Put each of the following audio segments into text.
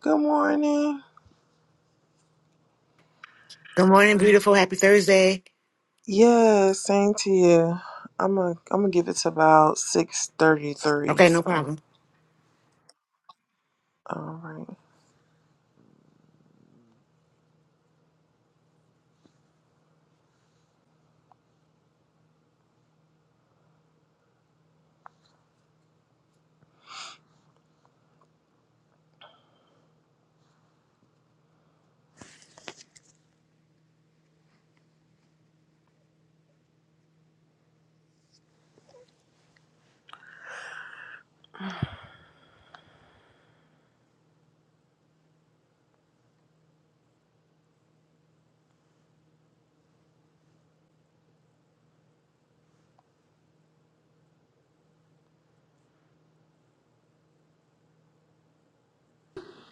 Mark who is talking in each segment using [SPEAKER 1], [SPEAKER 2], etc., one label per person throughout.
[SPEAKER 1] Good morning.
[SPEAKER 2] Good morning, beautiful. Happy Thursday.
[SPEAKER 1] Yeah, same to you. I'm a, I'm gonna give it to about six thirty three.
[SPEAKER 2] Okay, no
[SPEAKER 1] So,
[SPEAKER 2] problem.
[SPEAKER 1] all right.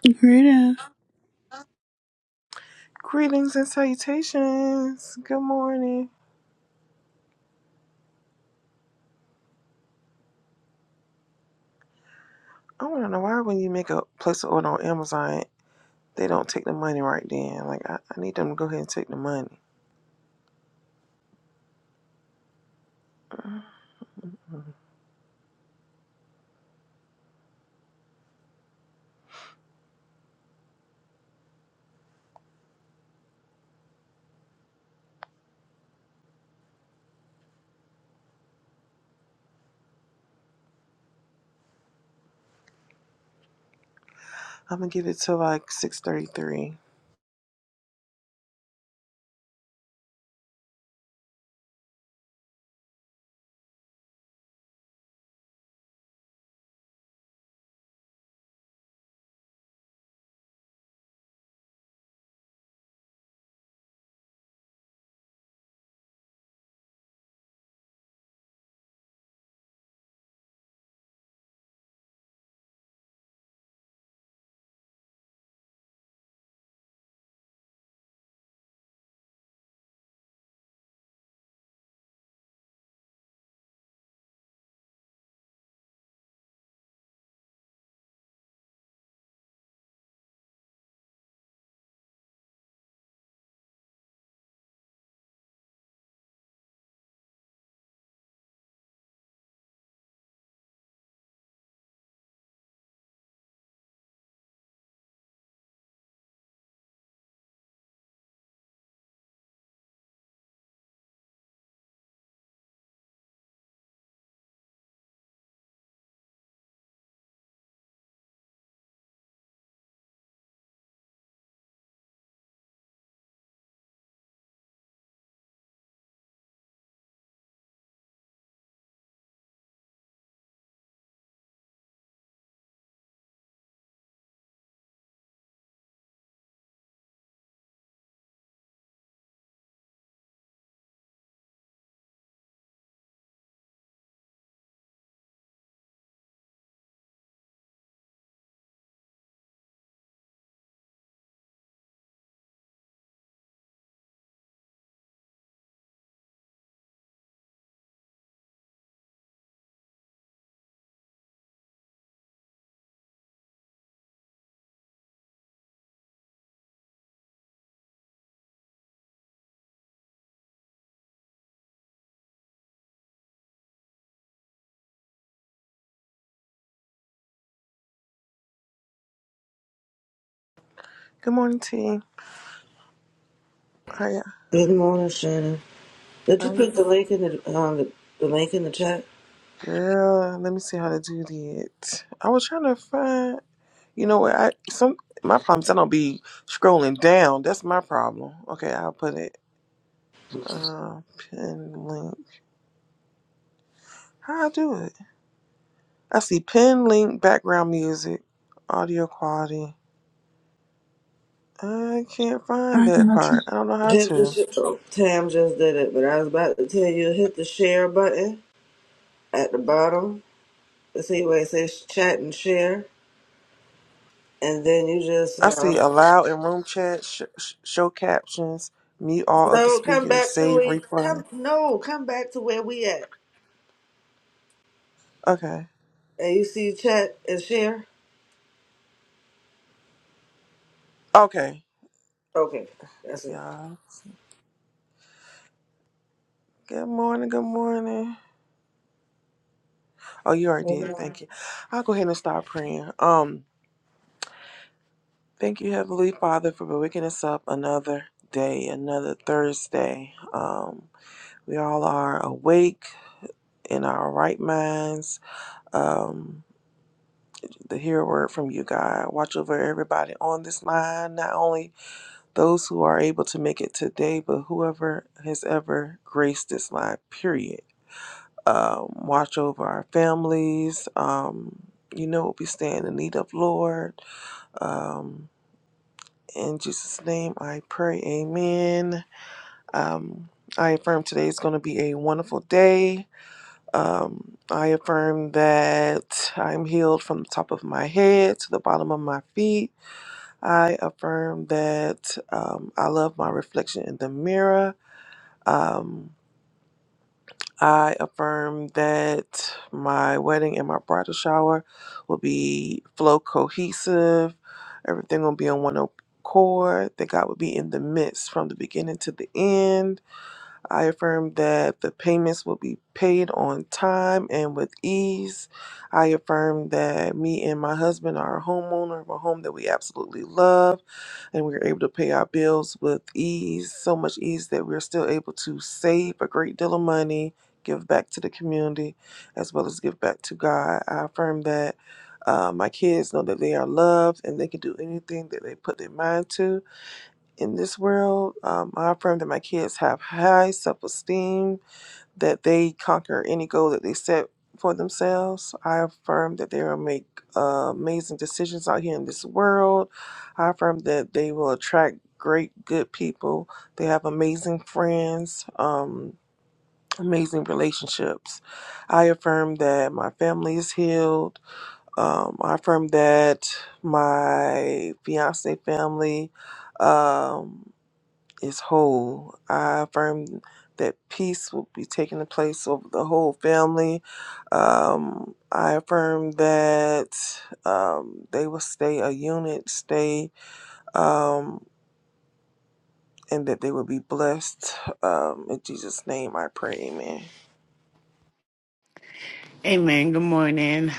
[SPEAKER 3] Greetings.
[SPEAKER 1] Greetings and salutations. Good morning. I want to know why when you make a place an order on Amazon, they don't take the money right then. Like I, I need them to go ahead and take the money. I'm gonna give it to like six thirty three. Good morning, T. How ya?
[SPEAKER 4] Good morning, Shannon. Did you
[SPEAKER 1] How you?
[SPEAKER 4] put the link in the um, the, the link in the chat?
[SPEAKER 1] Girl, let me see how to do that. I was trying to find. You know what? I some my problem is I don't be scrolling down. That's my problem. Okay, I'll put it. Uh, pin link. How I do it? I see pin link background music, audio quality. I can't find
[SPEAKER 3] I
[SPEAKER 1] that
[SPEAKER 3] got you.
[SPEAKER 1] part. I don't know how
[SPEAKER 4] Tam
[SPEAKER 1] to.
[SPEAKER 4] just, Tam just did it, but I was about to tell you hit the share button at the bottom. See where it says chat and share, and then you just
[SPEAKER 1] I
[SPEAKER 4] um,
[SPEAKER 1] see allow in room chat, sh- sh- show captions, mute all other
[SPEAKER 4] no come
[SPEAKER 1] speakers,
[SPEAKER 4] back to
[SPEAKER 1] save
[SPEAKER 4] where
[SPEAKER 1] replay.
[SPEAKER 4] come no come back to where we at,
[SPEAKER 1] Okay.
[SPEAKER 4] and you see chat and share.
[SPEAKER 1] Okay.
[SPEAKER 4] Okay, that's it.
[SPEAKER 1] Y'all. Good morning. Good morning. Oh, you already did.
[SPEAKER 5] Amen.
[SPEAKER 1] Thank you. I'll go ahead and start praying. Um. Thank you, Heavenly Father, for waking us up another day, another Thursday. Um, we all are awake in our right minds. Um, to hear a word from you, God. Watch over everybody on this line, not only those who are able to make it today, but whoever has ever graced this line, period. Um, watch over our families. Um, you know what we stand in need of, Lord. Um, in Jesus' name I pray, amen. Um, I affirm today is going to be a wonderful day. Um, I affirm that I'm healed from the top of my head to the bottom of my feet. I affirm that um, I love my reflection in the mirror. Um, I affirm that my wedding and my bridal shower will be flow cohesive. Everything will be on one accord. That God will be in the midst from the beginning to the end I affirm that the payments will be paid on time and with ease. I affirm that me and my husband are a homeowner of a home that we absolutely love and we're able to pay our bills with ease, so much ease that we're still able to save a great deal of money, give back to the community, as well as give back to God. I affirm that uh, my kids know that they are loved and they can do anything that they put their mind to in this world. Um, I affirm that my kids have high self esteem, that they conquer any goal that they set for themselves. I affirm that they will make uh, amazing decisions out here in this world. I affirm that they will attract great, good people. They have amazing friends. Um, Amazing relationships. I affirm that my family is healed. Um, I affirm that my fiance family um, is whole. I affirm that peace will be taking the place of the whole family. Um, I affirm that um, they will stay a unit, stay, um, and that they will be blessed. Um, in Jesus' name, I pray. Amen.
[SPEAKER 2] Amen. Good morning.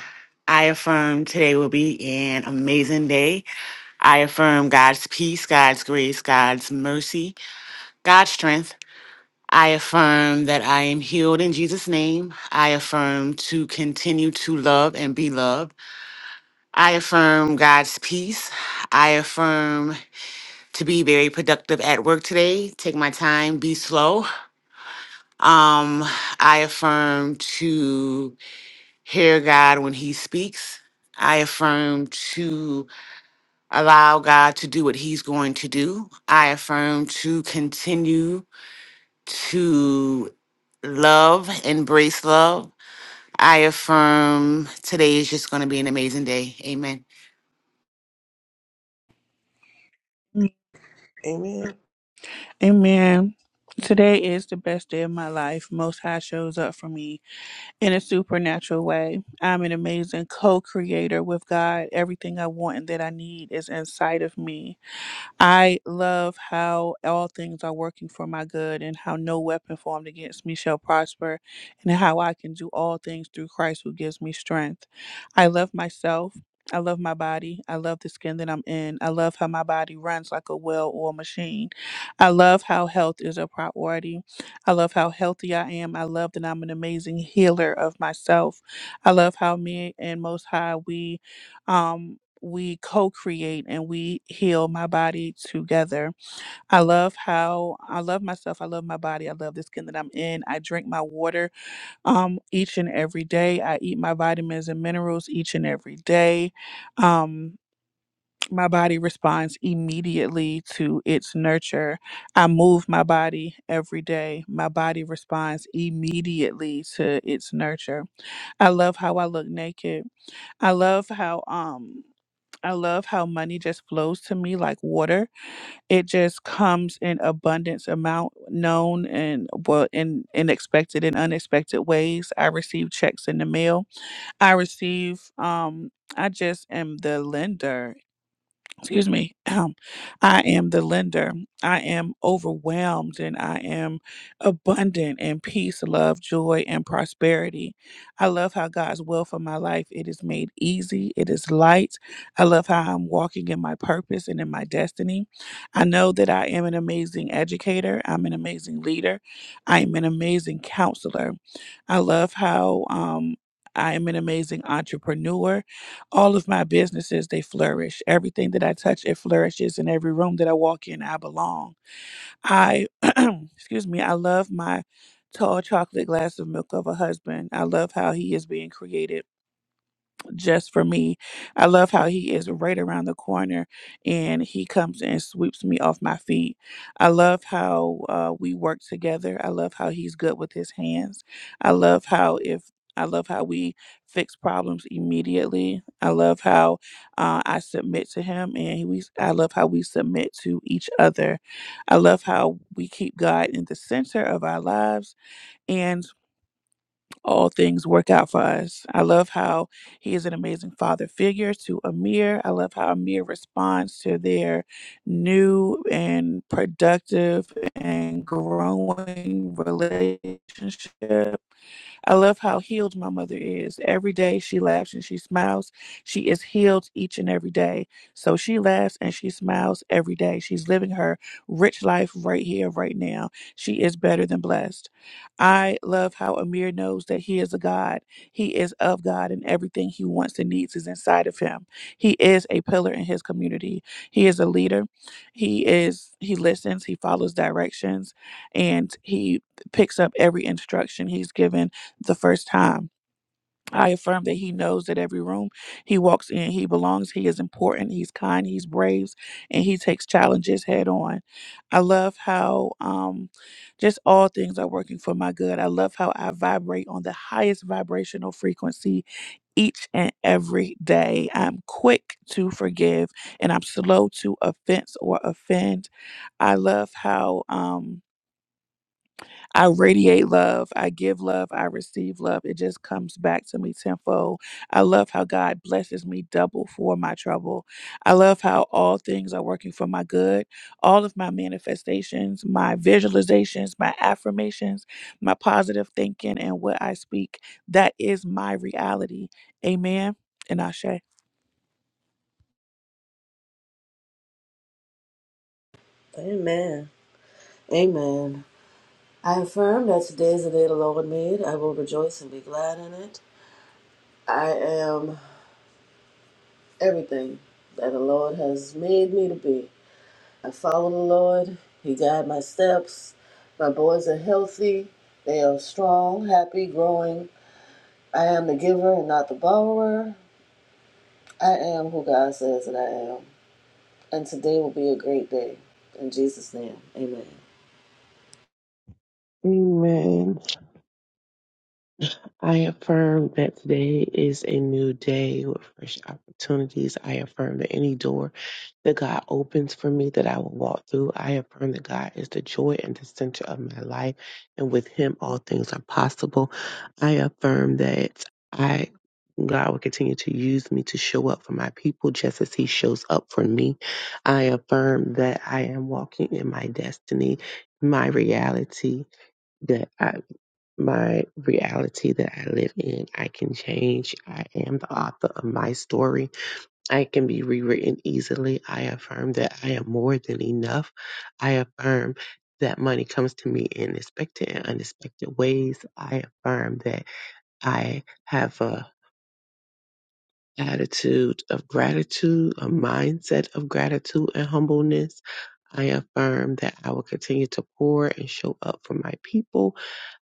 [SPEAKER 2] I affirm today will be an amazing day. I affirm God's peace, God's grace, God's mercy, God's strength. I affirm that I am healed in Jesus' name. I affirm to continue to love and be loved. I affirm God's peace. I affirm to be very productive at work today. Take my time, be slow. Um, I affirm to hear God when He speaks. I affirm to allow God to do what He's going to do. I affirm to continue to love, embrace love. I affirm today is just going to be an amazing day. Amen.
[SPEAKER 1] Amen.
[SPEAKER 3] Amen. Today is the best day of my life. Most High shows up for me in a supernatural way. I'm an amazing co creator with God. Everything I want and that I need is inside of me. I love how all things are working for my good and how no weapon formed against me shall prosper and how I can do all things through Christ who gives me strength. I love myself. I love my body. I love the skin that I'm in. I love how my body runs like a well oiled machine. I love how health is a priority. I love how healthy I am. I love that I'm an amazing healer of myself. I love how me and Most High, we. Um, we co-create and we heal my body together. I love how I love myself. I love my body. I love the skin that I'm in. I drink my water um each and every day. I eat my vitamins and minerals each and every day. Um my body responds immediately to its nurture. I move my body every day. My body responds immediately to its nurture. I love how I look naked. I love how um I love how money just flows to me like water. It just comes in abundance amount, known and well in in expected and unexpected ways. I receive checks in the mail. I receive um I just am the lender excuse me um, i am the lender i am overwhelmed and i am abundant in peace love joy and prosperity i love how god's will for my life it is made easy it is light i love how i'm walking in my purpose and in my destiny i know that i am an amazing educator i'm an amazing leader i am an amazing counselor i love how um, I am an amazing entrepreneur all of my businesses they flourish everything that i touch it flourishes in every room that i walk in i belong i excuse me i love my tall chocolate glass of milk of a husband i love how he is being created just for me. I love how he is right around the corner and he comes and sweeps me off my feet. I love how uh, we work together. I love how he's good with his hands. I love how if I love how we fix problems immediately. I love how uh, I submit to him, and we. I love how we submit to each other. I love how we keep God in the center of our lives, and all things work out for us. I love how he is an amazing father figure to Amir. I love how Amir responds to their new and productive and growing relationship. I love how healed my mother is. Every day she laughs and she smiles. She is healed each and every day. So she laughs and she smiles every day. She's living her rich life right here, right now. She is better than blessed. I love how Amir knows that he is a God. He is of God, and everything he wants and needs is inside of him. He is a pillar in his community. He is a leader. He is he listens, he follows directions, and he picks up every instruction he's given the first time. I affirm that he knows that every room he walks in, he belongs, he is important, he's kind, he's brave, and he takes challenges head on. I love how um, just all things are working for my good. I love how I vibrate on the highest vibrational frequency each and every day. I'm quick to forgive and I'm slow to offense or offend. I love how. Um, I radiate love. I give love. I receive love. It just comes back to me tenfold. I love how God blesses me double for my trouble. I love how all things are working for my good. All of my manifestations, my visualizations, my affirmations, my positive thinking, and what I speak, that is my reality. Amen. And Ashe.
[SPEAKER 4] Amen. Amen. I affirm that today is the day the Lord made. I will rejoice and be glad in it. I am. everything that the Lord has made me to be. I follow the Lord. He guides my steps. My boys are healthy. They are strong, happy, growing. I am the giver and not the borrower. I am who God says that I am. And today will be a great day. In Jesus' name, amen.
[SPEAKER 5] Amen. I affirm that today is a new day with fresh opportunities. I affirm that any door that God opens for me that I will walk through, I affirm that God is the joy and the center of my life, and with Him all things are possible. I affirm that I God will continue to use me to show up for my people just as He shows up for me. I affirm that I am walking in my destiny, my reality. my reality that I live in. I can change. I am the author of my story. I can be rewritten easily. I affirm that I am more than enough. I affirm that money comes to me in expected and unexpected ways. I affirm that I have a attitude of gratitude, a mindset of gratitude and humbleness. I affirm that I will continue to pour and show up for my people.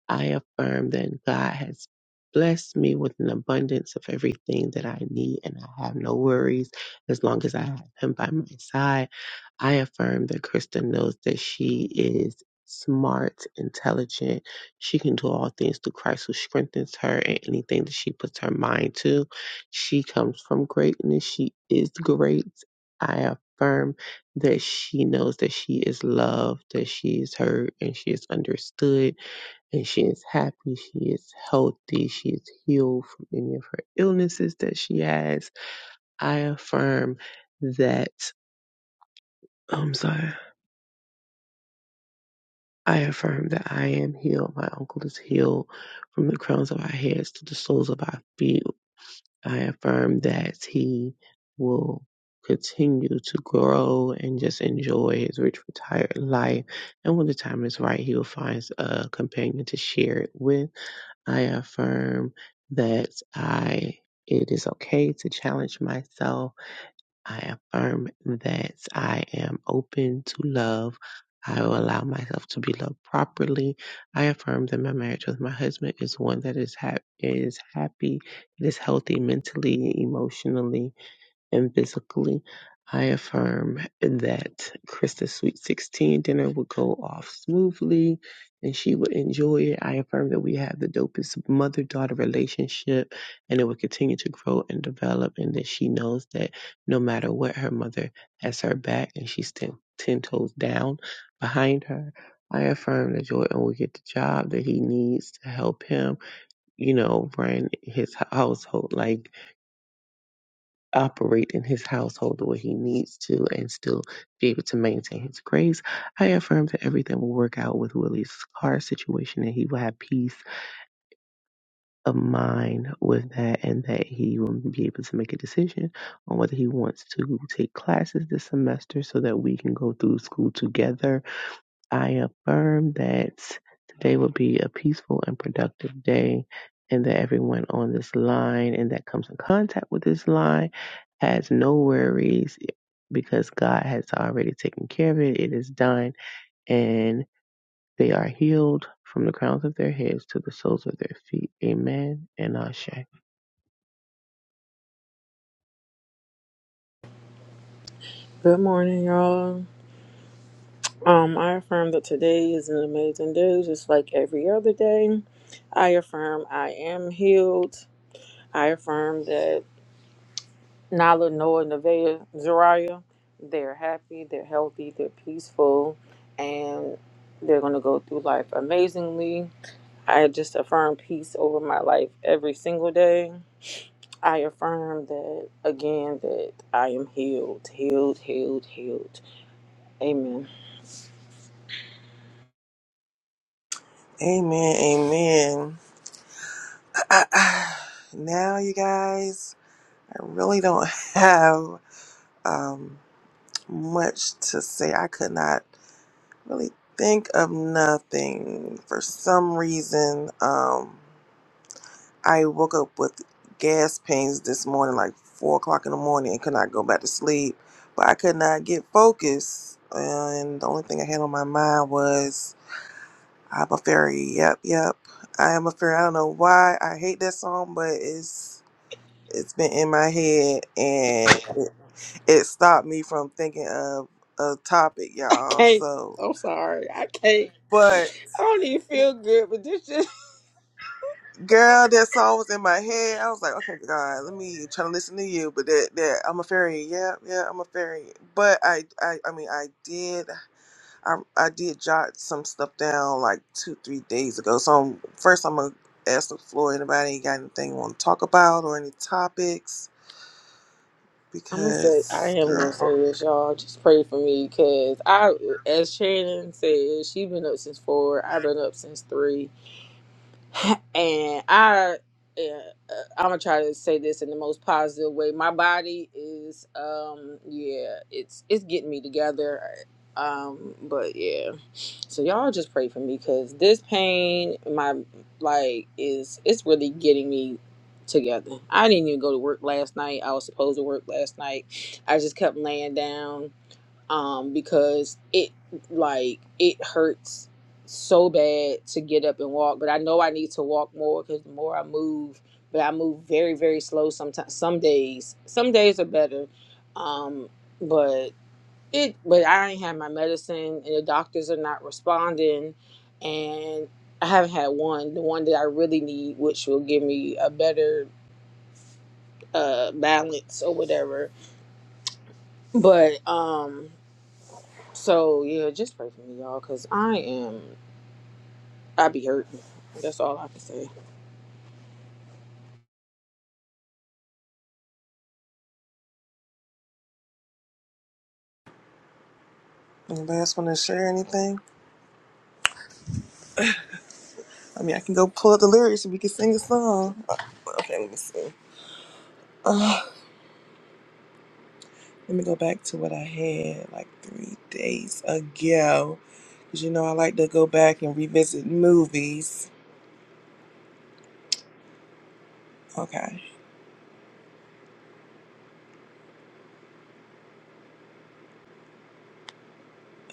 [SPEAKER 5] I affirm that God has blessed me with an abundance of everything that I need, and I have no worries as long as I have Him by my side. I affirm that Krista knows that she is smart, intelligent. She can do all things through Christ who strengthens her and anything that she puts her mind to. She comes from greatness. She is great. I affirm that she knows that she is loved, that she is heard, and she is understood and she is happy, she is healthy, she is healed from any of her illnesses that she has. I affirm that I'm sorry. I affirm that I am healed. My uncle is healed from the crowns of our heads to the soles of our feet. I affirm that he will continue to grow and just enjoy his rich retired life. And when the time is right, he will find a companion to share it with. I affirm that I it is okay to challenge myself. I affirm that I am open to love. I will allow myself to be loved properly. I affirm that my marriage with my husband is one that is hap- is happy, it is healthy mentally, emotionally, and physically. I affirm that Krista's Sweet 16 dinner will go off smoothly and she will enjoy it. I affirm that we have the dopest mother daughter relationship and it will continue to grow and develop, and that she knows that no matter what, her mother has her back and she's 10, 10 toes down behind her. I affirm that Jordan will get the job that he needs to help him you know, run his household. Like operate in his household the way he needs to and still be able to maintain his grace. I affirm that everything will work out with Willie's car situation and he will have peace of mind with that and that he will be able to make a decision on whether he wants to take classes this semester so that we can go through school together I affirm that today will be a peaceful and productive day, and that everyone on this line and that comes in contact with this line has no worries eh, because God has already taken care of it. It is done, and they are healed from the crowns of their heads to the soles of their feet. Amen and Ashe.
[SPEAKER 6] Good morning, y'all. Um, I affirm that today is an amazing day, just like every other day. I affirm I am healed. I affirm that Nala, Noah, Nevaeh, Zariah, they're happy, they're healthy, they're peaceful, and they're going to go through life amazingly. I just affirm peace over my life every single day. I affirm that again that I am healed, healed, healed, healed. Amen.
[SPEAKER 1] Amen. Amen. I, I, now, you guys, I really don't have um, much to say. I could not. really think of nothing. For some reason, um, I woke up with gas pains this morning, like four o'clock in the morning, and could not go back to sleep. But I could not get focused, and the only thing I had on my mind was "I'm a fairy." Yep, yep. I am a fairy. I don't know why I hate that song, but it's it's been in my head, and it, it stopped me from thinking of a topic,
[SPEAKER 6] I
[SPEAKER 1] y'all.
[SPEAKER 6] can't.
[SPEAKER 1] So,
[SPEAKER 6] I'm sorry. I can't.
[SPEAKER 1] but.
[SPEAKER 6] I don't even feel good, but this just.
[SPEAKER 1] Girl, that song was in my head. I was like, okay, God, let me try to listen to you. But that, that I'm a fairy. Yeah, yeah, I'm a fairy. But I, I, I mean, I did, I, I did jot some stuff down like two, three days ago. So I'm, first, I'm gonna ask the floor. Anybody got anything want to talk about or any topics?
[SPEAKER 6] I'm gonna say I
[SPEAKER 1] Because,
[SPEAKER 6] am gonna
[SPEAKER 1] girl,
[SPEAKER 6] say this, y'all. Just pray for me, cause I, as Shannon said, she been up since four. I've been up since three. and I, uh, I'm gonna try to say this in the most positive way. My body is, um, yeah, it's it's getting me together, uh, um, but yeah. So y'all just pray for me because this pain, my like, is it's really getting me together. I didn't even go to work last night. I was supposed to work last night. I just kept laying down um, because it like it hurts so bad to get up and walk. But I know I need to walk more because the more I move, but I move very very slow. Sometimes some days, some days are better, um, but it. But I ain't had my medicine, and the doctors are not responding, and I haven't had one. The one that I really need, which will give me a better uh balance or whatever. But um So yeah, just pray for me, y'all, cause I am I be hurting. That's all I can say.
[SPEAKER 1] anybody else want to share anything? I mean, I can go pull up the lyrics and we can sing a song. Uh, Okay, let me see. Let me go back to what I had like three days ago. Because you know, I like to go back and revisit movies. Okay.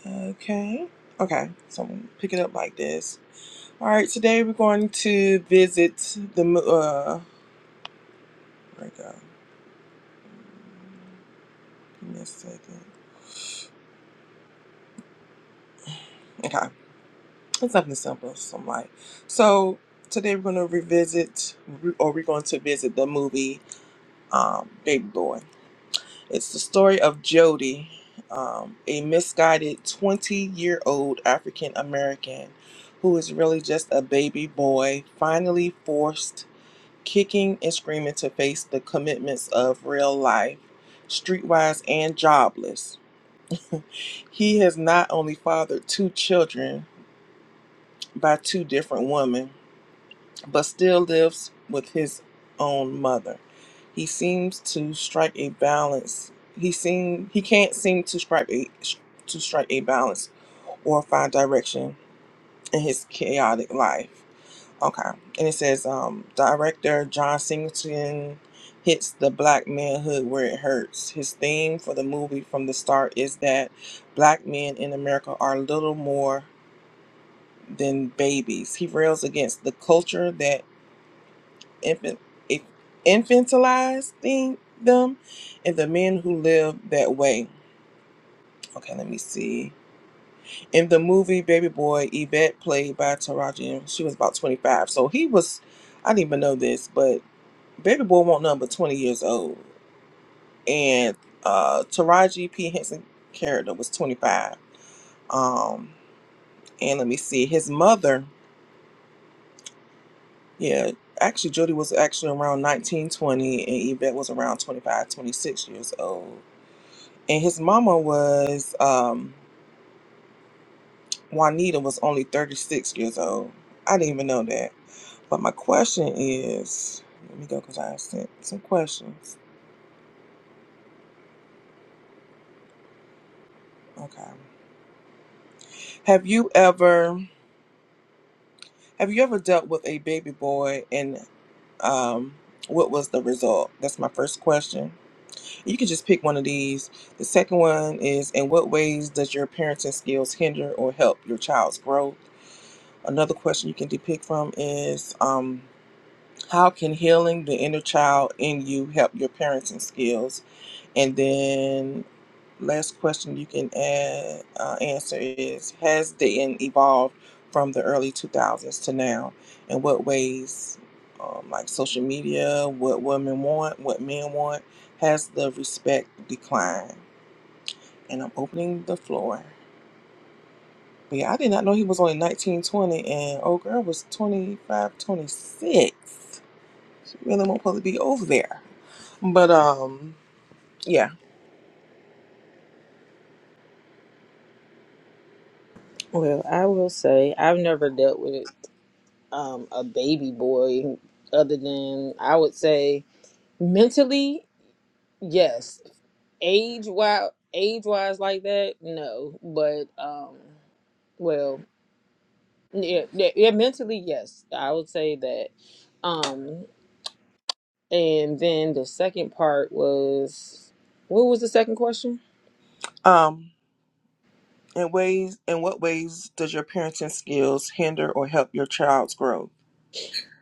[SPEAKER 1] Okay. Okay. So I'm gonna pick it up like this. All right. Today we're going to visit the. mo- Uh, where it go? Give me a second. Okay. It's something simple. So I'm like, so today we're going to revisit, or we're going to visit the movie um, Baby Boy. It's the story of Jody, um, a misguided 20 year old African American who is really just a baby boy, finally forced kicking and screaming to face the commitments of real life, streetwise and jobless. He has not only fathered two children by two different women but still lives with his own mother. He seems to strike a balance. He seem he can't seem to strike a to strike a balance or find direction in his chaotic life. Okay, and it says um, director John Singleton hits the black manhood where it hurts. His theme for the movie from the start is that black men in America are little more than babies. He rails against the culture that infant, if- infantilizing them, and the men who lived that way. Okay, let me see. In the movie Baby Boy, Yvette, played by Taraji, she was about 25. So he was, I didn't even know this, but Baby Boy won't nothing but 20 years old. And uh, Taraji P. Henson character was 25. Um, and let me see, his mother, yeah, actually, Judy was actually around 19 20, and Yvette was around 25, 26 years old. and his mama was um, Juanita was only 36 years old. I didn't even know that. But my question is, let me go because I have sent some questions. Okay. Have you ever have you ever dealt with a baby boy and um, what was the result? That's my first question. You can just pick one of these. The second one is, in what ways does your parenting skills hinder or help your child's growth? Another question you can depict from is. um, How can healing the inner child in you help your parenting skills? And then last question you can add, uh, answer is Has dating evolved from the early 2000s to now? In what ways, um, like social media, what women want, what men want, has the respect declined? And I'm opening the floor. But yeah, I did not know he was only 1920, and old girl was 25, 26. really won't probably be over there. But um, yeah.
[SPEAKER 6] Well, I will say I've never dealt with um a baby boy other than I would say mentally, yes. Age wise age wise like that, no. But um well yeah, yeah, yeah mentally yes. I would say that. Um and then the second part was what was the second question?
[SPEAKER 1] Um, in ways, in what ways does your parenting skills hinder or help your child's growth?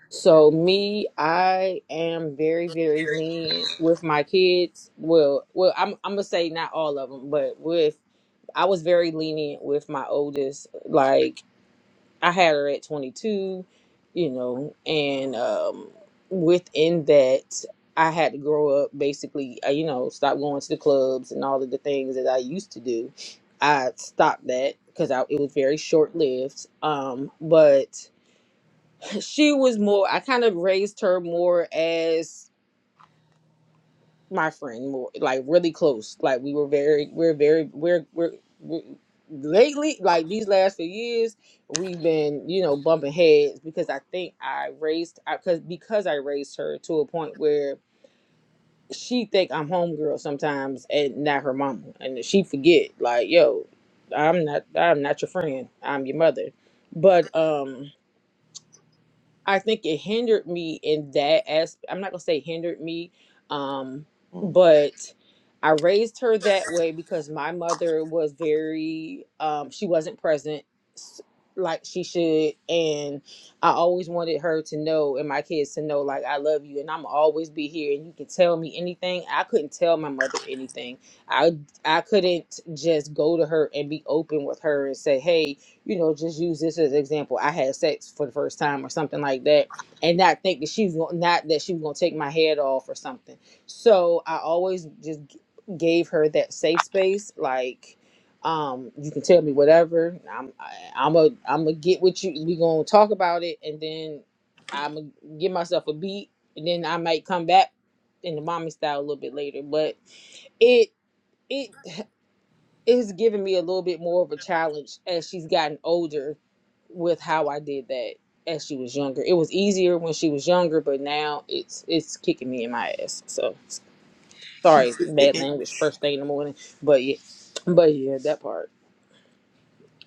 [SPEAKER 6] So me, I am very, very lenient with my kids. Well, well, I'm I'm gonna say not all of them, but with I was very lenient with my oldest. Like I had her at 22, you know, and um, within that, I had to grow up. Basically, uh, you know, stop going to the clubs and all of the things that I used to do. I stopped that because I, it was very short lived. Um, but she was more i kind of raised her more as my friend more like really close like we were very we're very we're we're, we're lately like these last few years we've been you know bumping heads because i think i raised I because because i raised her to a point where she think i'm homegirl sometimes and not her mama and she forget like yo i'm not i'm not your friend i'm your mother but um I think it hindered me in that as I'm not gonna say hindered me, um,
[SPEAKER 1] Mhm.
[SPEAKER 6] but I raised her that way because my mother was very um, she wasn't present s- like she should, and I always wanted her to know and my kids to know like I love you and I'm always be here and you can tell me anything. I couldn't tell my mother anything. I I couldn't just go to her and be open with her and say hey you know, just use this as an example. I had sex for the first time or something like that, and not think that she's gon- not that she was gonna take my head off or something. So I always just g- gave her that safe space, like. Um, you can tell me whatever. I'm, I, I'm a, I'm gonna get with you. We gonna talk about it, and then I'm gonna give myself a beat, and then I might come back in the mommy style a little bit later. But it, it, it's given me a little bit more of a challenge as she's gotten older with how I did that as she was younger. It was easier when she was younger, but now it's it's kicking me in my ass. So
[SPEAKER 1] You
[SPEAKER 6] sorry,
[SPEAKER 1] said
[SPEAKER 6] bad
[SPEAKER 1] sticky.
[SPEAKER 6] language first thing in the morning. But yeah, but yeah, that part.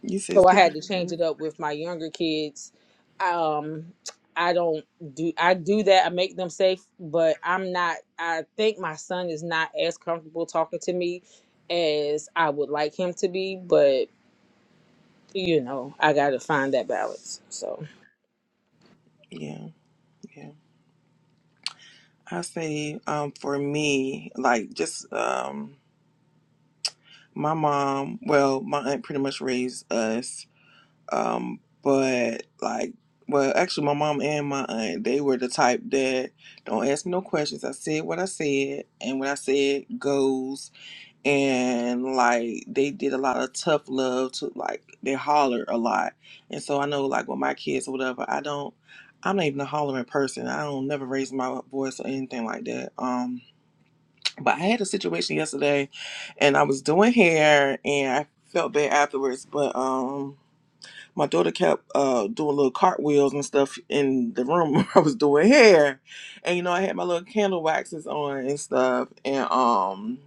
[SPEAKER 1] You said
[SPEAKER 6] So I
[SPEAKER 1] sticky.
[SPEAKER 6] had to change
[SPEAKER 1] Mhm.
[SPEAKER 6] it up with my younger kids. Um I don't do I do that. I make them safe, but I'm not I think my son is not as comfortable talking to me as I would like him to be, but. you know, I got to find that balance. So
[SPEAKER 1] Yeah, yeah. I say, um, for me, like just um, my mom. Well, my aunt pretty much raised us Um, but like, well, actually, my mom and my aunt, they were the type that don't ask me no questions. I said what I said, and what I said goes. And like, they did a lot of tough love to like, they holler a lot. And so I know, like, with my kids or whatever, I don't, I'm not even a hollering person. I don't never raise my voice or anything like that. Um, but I had a situation yesterday, and I was doing hair, and I felt bad afterwards. But um my daughter kept uh doing little cartwheels and stuff in the room where I was doing hair. And you know, I had my little candle waxes on and stuff. And um,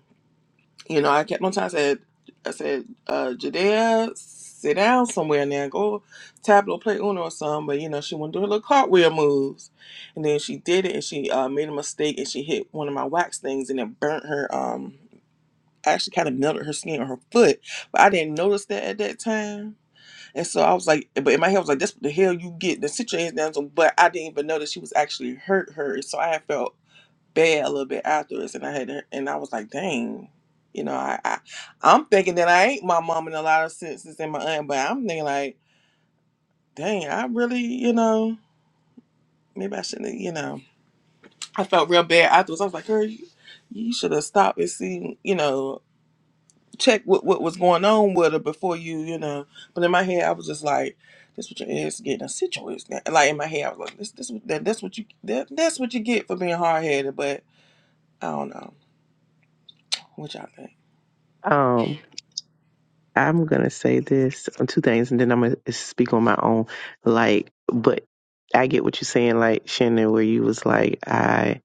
[SPEAKER 1] you know, I kept on trying I said I said, uh, Jadea, sit down somewhere now, go tableau play Uno or something. But you know, she wouldn't do her little cartwheel moves. And then she did it and she uh made a mistake and she hit one of my wax things and it burnt her um actually kind of melted her skin on her foot. But I didn't notice that at that time and so I was like, but in my head, I was like, that's what the hell you get. The sit your ass down. So, but I didn't even know that she was actually hurt her. And So I had felt bad a little bit afterwards. And I had, and I was like, dang, you know, I, I I'm thinking that I ain't my mom in a lot of senses and my aunt, but I'm thinking like, dang, I really, you know, maybe I shouldn't, have, you know, I felt real bad afterwards. I was like, "Her, you, you should have stopped and seen, you know, check what, what was going on with her before you, you know. But in my head, I was just like, "This what your ass getting a situation." Like in my head, I was like, "This, this, what- that, that's what you, that, that's what you get for being hard headed." But I don't know what y'all think.
[SPEAKER 5] Um, I'm gonna say this on two things, and then I'm gonna speak on my own. Like, but I get what you're saying, like Shannon, where you was like, I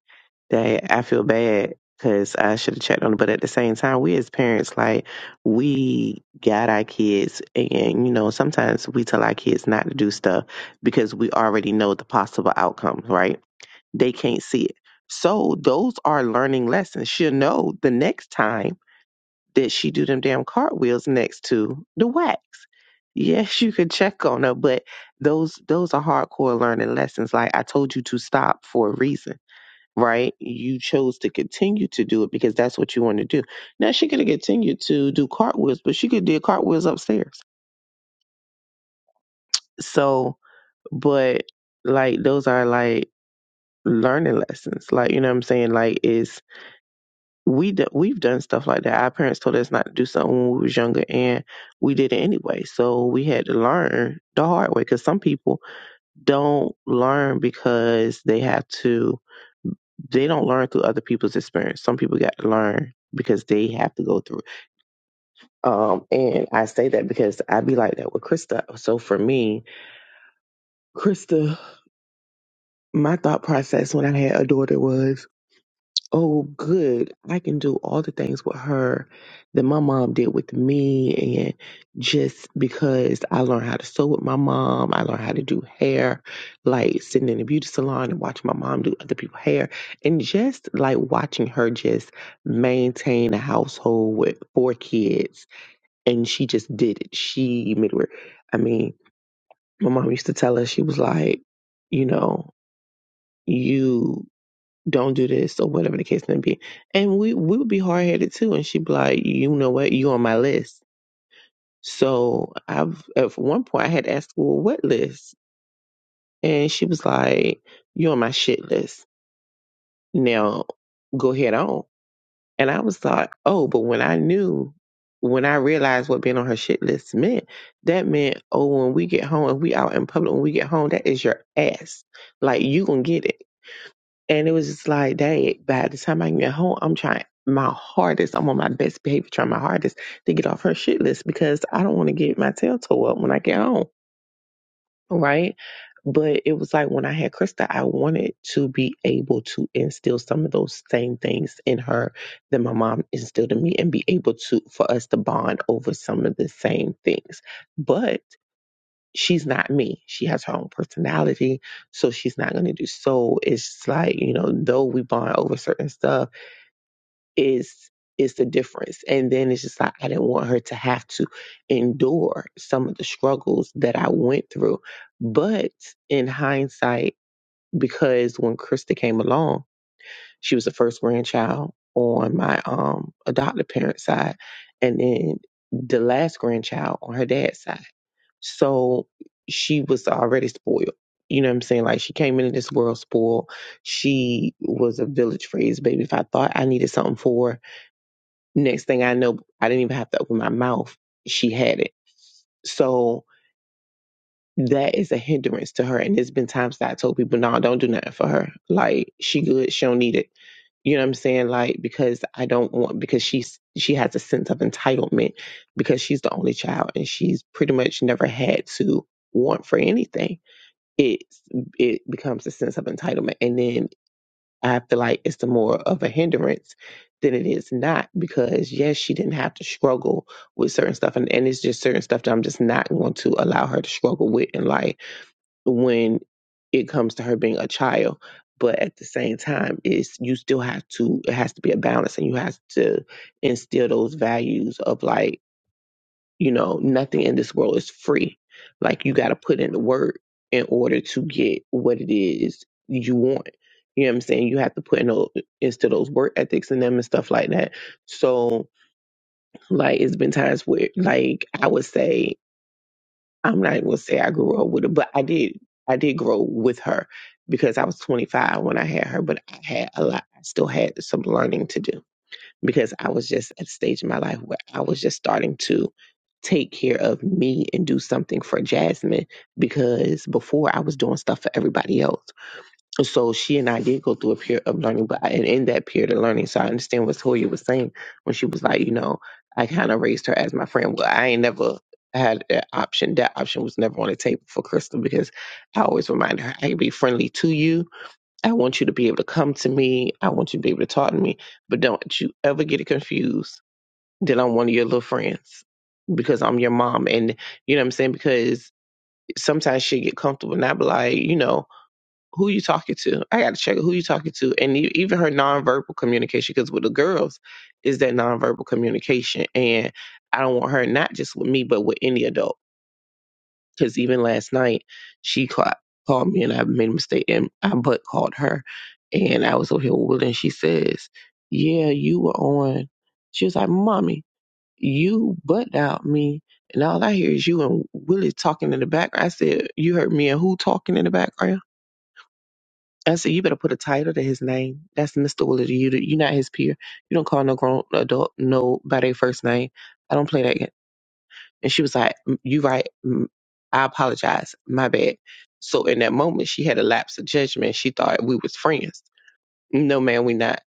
[SPEAKER 5] that I feel bad because I should have checked on it, but at the same time, we as parents, like, we got our kids, and you know, sometimes we tell our kids not to do stuff because we already know the possible outcomes, right? They can't see it. So those are learning lessons. She'll know the next time that she do them damn cartwheels next to the wax. Yes, you could check on her, but those those are hardcore learning lessons. Like I told you to stop for a reason, right? You chose to continue to do it because that's what you want to do. Now she could have continued to do cartwheels, but she could do cartwheels upstairs. So, but like those are like learning lessons. Like you know what I'm saying? Like it's we do, we've done stuff like that. Our parents told us not to do something when we was younger, and we did it anyway. So we had to learn the hard way because some people don't learn because they have to. They don't learn through other people's experience. Some people got to learn because they have to go through. it. Um, and I say that because I be like that with Krista. So for me, Krista, my thought process when I had a daughter was oh, good, I can do all the things with her that my mom did with me. And just because I learned how to sew with my mom, I learned how to do hair, like sitting in a beauty salon and watching my mom do other people's hair. And just like watching her just maintain a household with four kids. And she just did it. She made it work. I mean, my mom used to tell us, she was like, you know, you don't do this or whatever the case may be. And we we would be hard headed too. And she'd be like, you know what, you on my list. So I've at one point I had asked, well, what list? And she was like, you're on my shit list. Now go ahead on. And I was like, oh, but when I knew, when I realized what being on her shit list meant, that meant, oh, when we get home, if we out in public, when we get home, that is your ass. Like you gonna get it. And it was just like, dang, by the time I get home, I'm trying my hardest. I'm on my best behavior, trying my hardest to get off her shit list because I don't want to get my tail tore up when I get home. Right. But it was like when I had Krista, I wanted to be able to instill some of those same things in her that my mom instilled in me and be able to, for us to bond over some of the same things. But she's not me. She has her own personality, so she's not gonna do. So it's like you know, though we bond over certain stuff, is is the difference. And then it's just like I didn't want her to have to endure some of the struggles that I went through. But in hindsight, because when Krista came along, she was the first grandchild on my um adopted parents' side, and then the last grandchild on her dad's side. So she was already spoiled. You know what I'm saying? Like she came into this world spoiled. She was a village phrase baby. If I thought I needed something for her, next thing I know, I didn't even have to open my mouth. She had it. So that is a hindrance to her. And there's been times that I told people, no, don't do nothing for her. Like she good. She don't need it. You know what I'm saying? Like because I don't want because she's she has a sense of entitlement because she's the only child and she's pretty much never had to want for anything it it becomes a sense of entitlement and then i feel like it's the more of a hindrance than it is not because yes she didn't have to struggle with certain stuff and, and it's just certain stuff that i'm just not going to allow her to struggle with in life when it comes to her being a child but at the same time it's you still have to it has to be a balance and you have to instill those values of like you know, nothing in this world is free. Like you got to put in the work in order to get what it is you want. You know what I'm saying? You have to put in those, into those work ethics and them and stuff like that. So, like, it's been times where, like, I would say, I'm not gonna say I grew up with her, but I did. I did grow with her because I was 25 when I had her, but I had a lot. I still had some learning to do because I was just at a stage in my life where I was just starting to take care of me and do something for Jasmine because before I was doing stuff for everybody else. So she and I did go through a period of learning, but I, and in that period of learning, so I understand what Toya was saying when she was like, you know, I kind of raised her as my friend. Well, I ain't never had that option. That option was never on the table for Crystal because I always reminded her I can be friendly to you, I want you to be able to come to me. I want you to be able to talk to me. But don't you ever get it confused that I'm one of your little friends because I'm your mom. And you know what I'm saying? Because sometimes she get comfortable and I be like, you know, who you talking to? I got to check who you talking to. And e- even her nonverbal communication, because with the girls is that nonverbal communication. And I don't want her not just with me, but with any adult because even last night, she cla called me and I made a mistake and I butt called her. And I was over here with her and she says, Yeah, you were on. She was like, Mommy, you butt out me. And all I hear is you and Willie talking in the background. I said, You heard me and who talking in the background? I said, You better put a title to his name. That's Mr. Willie. You, you're not his peer. You don't call no grown adult no by their first name. I don't play that. And she was like, "Mm, You right. Mm, I apologize. My bad. So in that moment, she had a lapse of judgment. She thought we was friends. No, man, we not.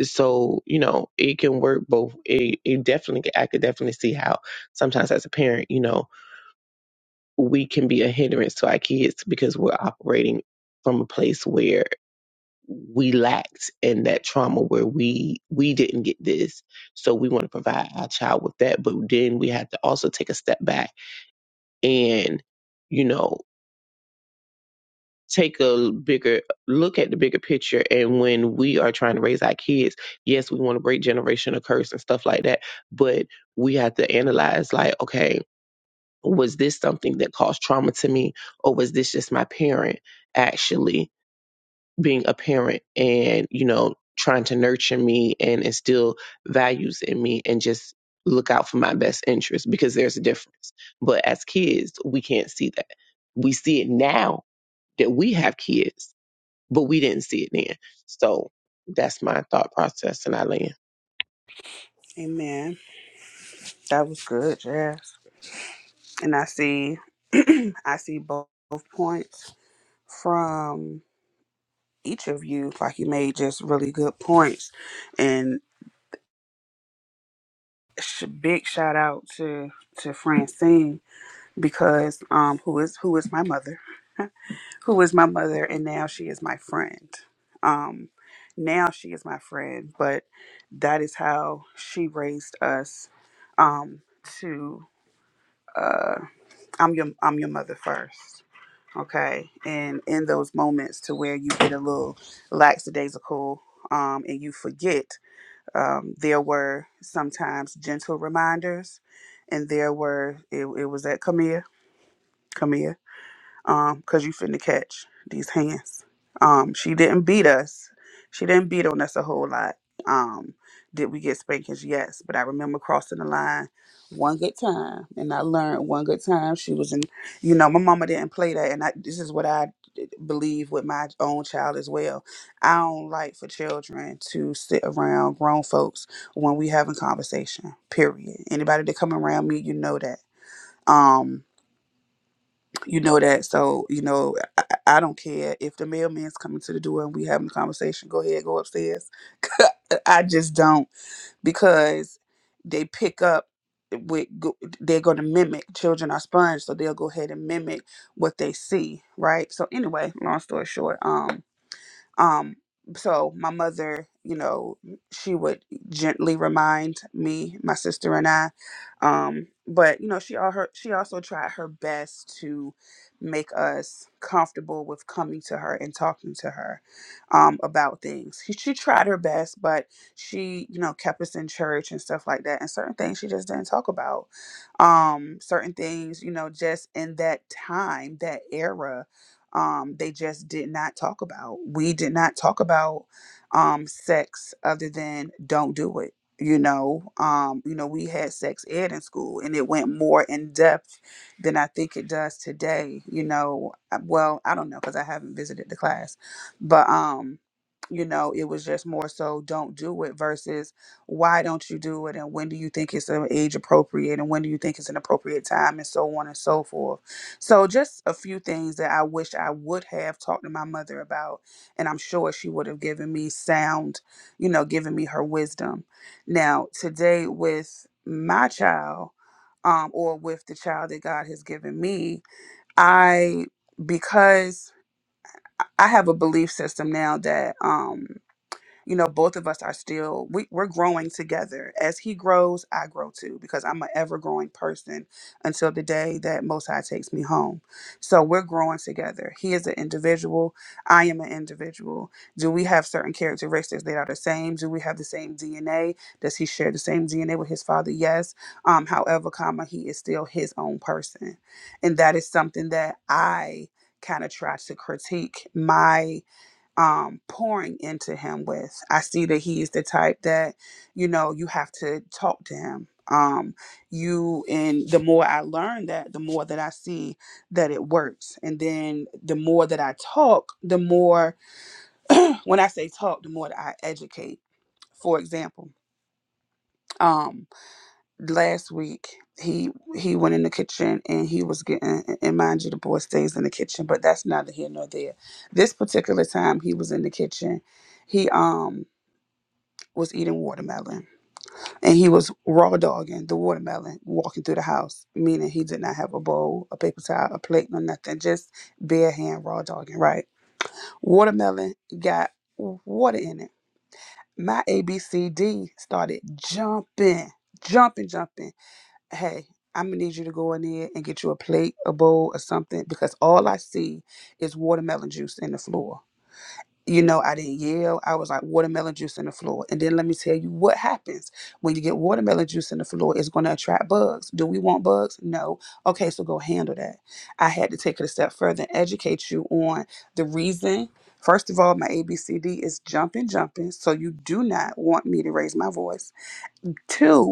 [SPEAKER 5] So, you know, it can work both. It, it definitely, I could definitely see how sometimes as a parent, you know, we can be a hindrance to our kids because we're operating from a place where we lacked in that trauma where we we didn't get this so we want to provide our child with that but then we have to also take a step back and you know take a bigger look at the bigger picture and when we are trying to raise our kids yes we want to break generational curse and stuff like that but we have to analyze like okay was this something that caused trauma to me or was this just my parent actually being a parent and you know trying to nurture me and instill values in me and just look out for my best interest because there's a difference but as kids we can't see that we see it now that we have kids, but we didn't see it then. So that's my thought process, and I land.
[SPEAKER 3] Amen. That was good, Jazz. And I see, I see both points from. each of you. Like you made just really good points, and sh- big shout out to to Francine because um who is who is my mother, who is my mother, and now she is my friend. Um, now she is my friend, but that is how she raised us. Um, to uh, I'm your I'm your mother first. Okay, and in those moments to where you get a little lackadaisical, um, and you forget um, there were sometimes gentle reminders, and there were it, it was at Camille. Camille um, cause you finna catch these hands. Um, she didn't beat us. She didn't beat on us a whole lot. Um, did we get spankings? Yes, but I remember crossing the line one good time, and I learned one good time. She was in, you know, my mama didn't play that, and I, this is what I believe with my own child as well. I don't like for children to sit around grown folks when we having conversation. Period. Anybody that come around me, you know that. Um, you know that. So, you know, I, I don't care if the mailman's coming to the door and we having a conversation. Go ahead, go upstairs. I just don't because they pick up with go- they're going to mimic children are sponge so they'll go ahead and mimic what they see right so anyway long story short um. Um, so my mother, you know, she would gently remind me, my sister and I. Um, but you know, she all her she also tried her best to make us comfortable with coming to her and talking to her um, about things. She, she tried her best, but she, you know, kept us in church and stuff like that. And certain things she just didn't talk about. Um, certain things, you know, just in that time, that era, um, they just did not talk about. We did not talk about um, sex other than don't do it. You know, um, you know, we had sex ed in school, and it went more in depth than I think it does today. You know, Uh, well, I don't know because I haven't visited the class, but um, you know, it was just more so don't do it versus why don't you do it and when do you think it's an age appropriate and when do you think it's an appropriate time and so on and so forth so, just a few things that I wish I would have talked to my mother about, and I'm sure she would have given me sound, you know, given me her wisdom. Now, today with my child, um, or with the child that God has given me, I because I have a belief system now that um you know both of us are still we, we're growing together as he grows i grow too because i'm an ever growing person until the day that most high takes me home so we're growing together he is an individual i am an individual do we have certain characteristics that are the same do we have the same dna does he share the same dna with his father yes um however comma he is still his own person and that is something that i kind of try to critique my um pouring into him with. I see that he's the type that, you know, you have to talk to him. Um you and the more I learn that, the more that I see that it works. And then the more that I talk, the more when I say talk, the more that I educate. For example, um last week he he went in the kitchen and he was getting and mind you the boy stays in the kitchen, but that's neither here nor there. This particular time he was in the kitchen he um was eating watermelon and he was raw dogging the watermelon walking through the house, meaning he did not have a bowl, a paper towel, a plate, no nothing, just bare hand raw dogging, right? Watermelon got water in it. My ABCD started jumping, jumping, jumping. Hey, I'm gonna need you to go in there and get you a plate, a bowl, or something because all I see is watermelon juice in the floor you know, I didn't yell. I was like watermelon juice in the floor. And then let me tell you what happens when you get watermelon juice in the floor. It's going to attract bugs. Do we want bugs? No. Okay, so go handle that. I had to take it a step further and educate you on the reason. First of all, my ABCD is jumping, jumping. So you do not want me to raise my voice. Two.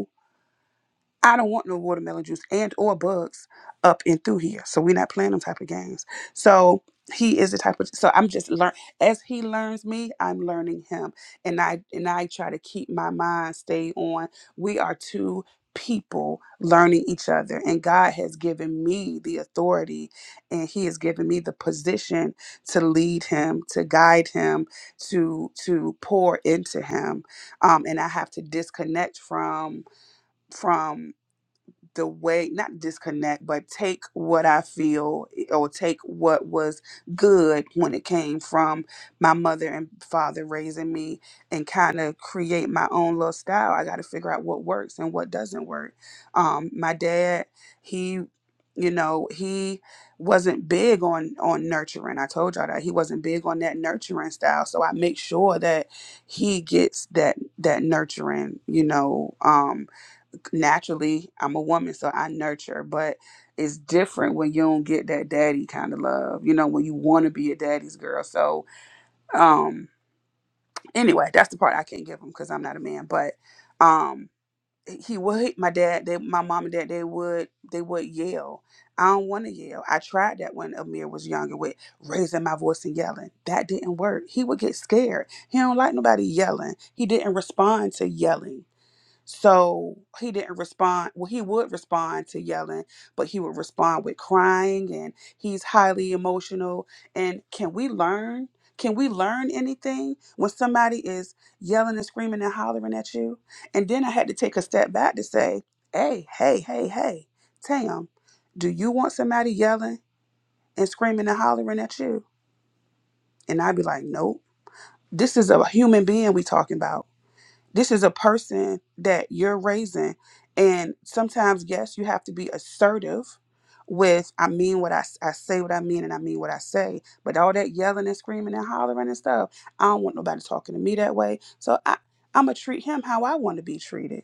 [SPEAKER 3] I don't want no watermelon juice and or bugs up and through here. So we're not playing them type of games. So he is the type of so I'm just learn as he learns me, I'm learning him. And I and I try to keep my mind stay on. We are two people learning each other and God has given me the authority and he has given me the position to lead him, to guide him, to to pour into him. Um and I have to disconnect from from the way not disconnect but take what i feel eh, or take what was good when it came from my mother and father raising me and kind of create my own little style i got to figure out what works and what doesn't work um my dad he you know he wasn't big on on nurturing i told y'all that he wasn't big on that nurturing style so i make sure that he gets that that nurturing you know um naturally I'm a woman, so I nurture, but it's different when you don't get that daddy kind of love, you know, when you want to be a daddy's girl. So, um, anyway, that's the part I can't give him because I'm not a man, but, um, he would my dad they my mom and dad they would they would yell i don't want to yell i tried that when amir was younger with raising my voice and yelling that didn't work he would get scared he don't like nobody yelling he didn't respond to yelling so he didn't respond. Well, he would respond to yelling, but he would respond with crying and he's highly emotional. And can we learn? Can we learn anything when somebody is yelling and screaming and hollering at you? And then I had to take a step back to say, hey, hey, hey, hey, Tam, do you want somebody yelling and screaming and hollering at you? And I'd be like, nope. This is a human being we talking about this is a person that you're raising and sometimes yes you have to be assertive with i mean what I, s- I say what i mean and i mean what i say but all that yelling and screaming and hollering and stuff i don't want nobody talking to me that way so i i'm gonna treat him how i want to be treated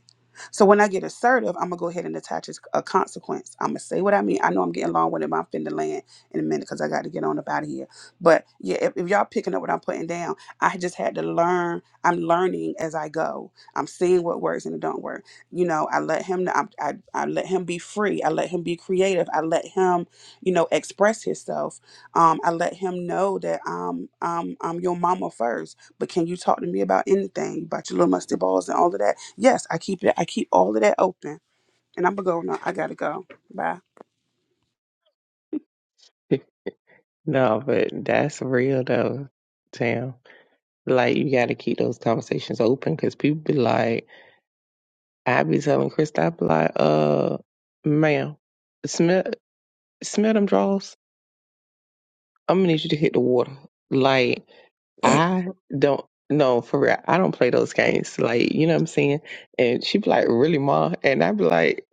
[SPEAKER 3] so when i get assertive i'm gonna go ahead and attach his- a consequence i'm gonna say what i mean i know i'm getting long winded but i'm finna land in a minute because i got to get on up out of here but yeah if, if y'all picking up what i'm putting down i just had to learn I'm learning as I go. I'm seeing what works and it don't work. You know, I let him. I, I I let him be free. I let him be creative. I let him, you know, express himself. Um, I let him know that um um I'm your mama first. But can you talk to me about anything about your little mustard balls and all of that? Yes, I keep it. I keep all of that open. And I'm gonna go. No, I gotta go. Bye.
[SPEAKER 5] No, but that's real though, Tam. Like you got to keep those conversations open because people be like, I be telling Chris, I be like, uh, ma'am, smell smell them draws. I'm gonna need you to hit the water. Like I don't no for real. I don't play those games. Like you know what I'm saying. And she be like, "Really, ma?" And I be like,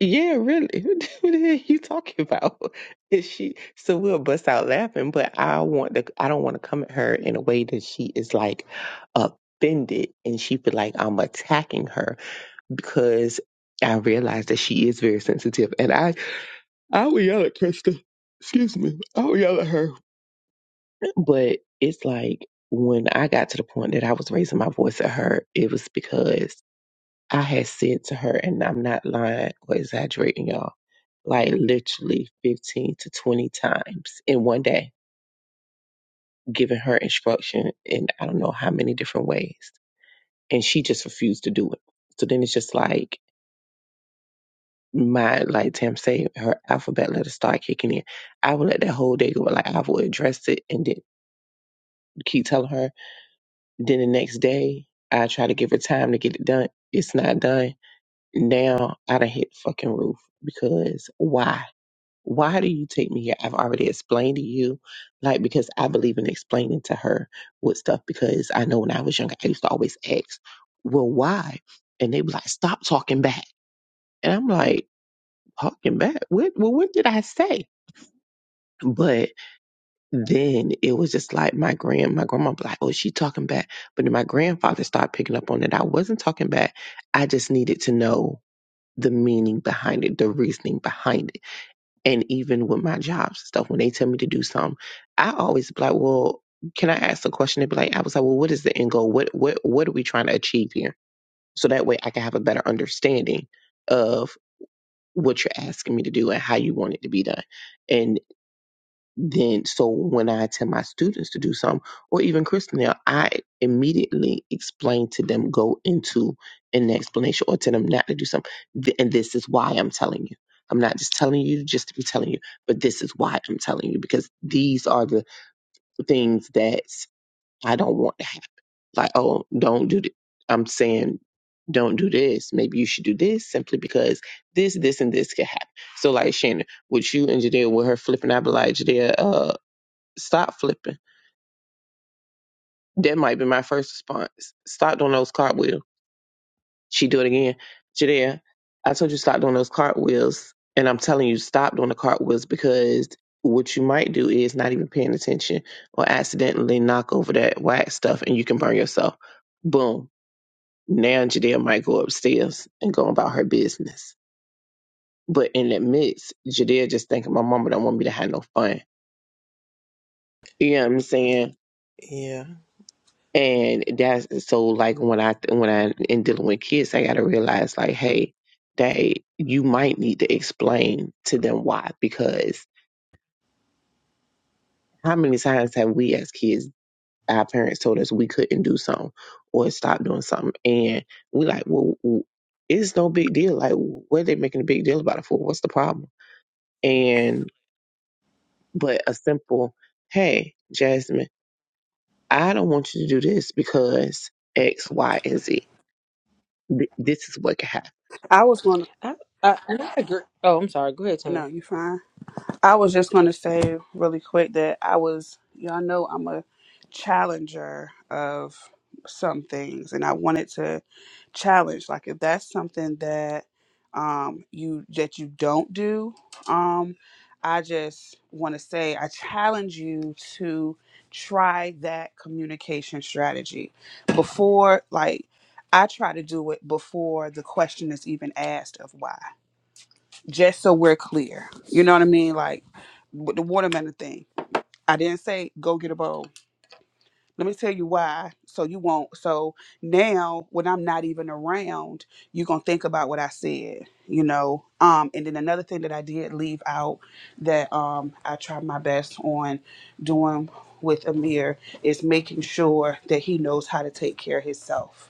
[SPEAKER 5] "Yeah, really. what the hell you talking about?" And she so we'll bust out laughing. But I want to. I don't want to come at her in a way that she is like offended and she feel like I'm attacking her because I realize that she is very sensitive. And I I would yell at Krista. Excuse me. I would yell at her but it's like when I got to the point that I was raising my voice at her, it was because I had said to her, and I'm not lying or exaggerating, y'all, like literally 15 to 20 times in one day, giving her instruction in I don't know how many different ways. And she just refused to do it. So then it's just like, my like Tam say her alphabet letters start kicking in. I would let that whole day go. Like I would address it and then keep telling her Then the next day, I try to give her time to get it done. It's not done. Now I done hit the fucking roof because why? Why do you take me here? I've already explained to you, like because I believe in explaining to her what stuff because I know when I was younger, I used to always ask, well, why? And they were like, stop talking back. And I'm like, talking back? What? Well, what did I say? But then it was just like my grand my grandma be like, oh, she talking back. But then my grandfather started picking up on it. I wasn't talking back. I just needed to know the meaning behind it, the reasoning behind it. And even with my jobs and stuff, when they tell me to do something, I always be like, Well, can I ask a question? They'd be like, I was like, Well, what is the end goal? What what what are we trying to achieve here? So that way I can have a better understanding of what you're asking me to do and how you want it to be done And then so when I tell my students to do something, or even Christina, I immediately explain to them, go into an explanation or tell them not to do something. Th- And this is why I'm telling you. I'm not just telling you just to be telling you, but this is why I'm telling you because these are the things that I don't want to happen. Like, oh, don't do this. I'm saying, don't do this. Maybe you should do this simply because this, this, and this could happen. So, like Shannon, with you and Jadea, with her flipping, I'd be like, Jadea, uh, Stop flipping. That might be my first response. Stop doing those cartwheels. She do it again. Jadea, I told you stop doing those cartwheels. And I'm telling you, stop doing the cartwheels because what you might do is not even paying attention or accidentally knock over that wax stuff and you can burn yourself. Boom. Now Jadea might go upstairs and go about her business. But in the midst, Jadea just thinking my mama don't want me to have no fun. You know what I'm saying?
[SPEAKER 1] Yeah,
[SPEAKER 5] And that's so like when I when I in dealing with kids, I got to realize like, hey, they you might need to explain to them why because how many times have we as kids our parents told us we couldn't do something or stop doing something, and we like, well, w- it's no big deal. Like, what are they making a big deal about it for? What's the problem? And but a simple, hey, Jasmine, I don't want you to do this because X, Y, and Z. Th- This is what can happen
[SPEAKER 3] I was gonna.
[SPEAKER 6] I, I, and I agree. Oh, I'm sorry. Go ahead,
[SPEAKER 3] No,
[SPEAKER 6] Tam.
[SPEAKER 3] you fine. I was just going to say really quick that I was, y'all know, I'm a challenger of some things, and I wanted to challenge. Like, if that's something that um, you that you don't do, um, I just want to say I challenge you to try that communication strategy before, like. I try to do it before the question is even asked of why just so we're clear. You know what I mean? Like with the watermelon thing. I didn't say go get a bowl. Let me tell you why. So you won't. So now when I'm not even around, you're gonna think about what I said, you know. Um, and then another thing that I did leave out that um I tried my best on doing with Amir is making sure that he knows how to take care of himself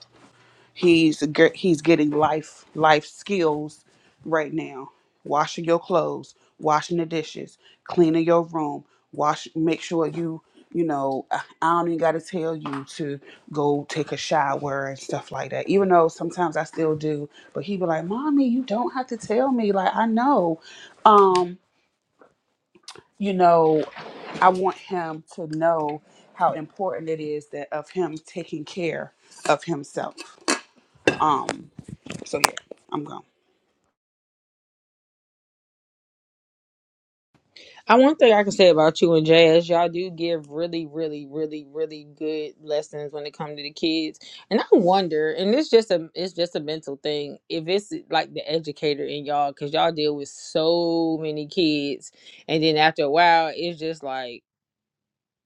[SPEAKER 3] He's ge- he's getting life life skills right now. Washing your clothes, washing the dishes, cleaning your room, wash. Make sure you you know I I don't even got to tell you to go take a shower and stuff like that. Even though sometimes I still do, but he be like, "Mommy, you don't have to tell me. Like I know." Um, you know, I want him to know how important it is that of him taking care of himself. um, so yeah, I'm gone.
[SPEAKER 6] I one thing I can say about you and Jazz, y'all do give really, really, really, really good lessons when it comes to the kids. And I wonder, and it's just a, it's just a mental thing. If it's like the educator in y'all, because y'all deal with so many kids, and then after a while, it's just like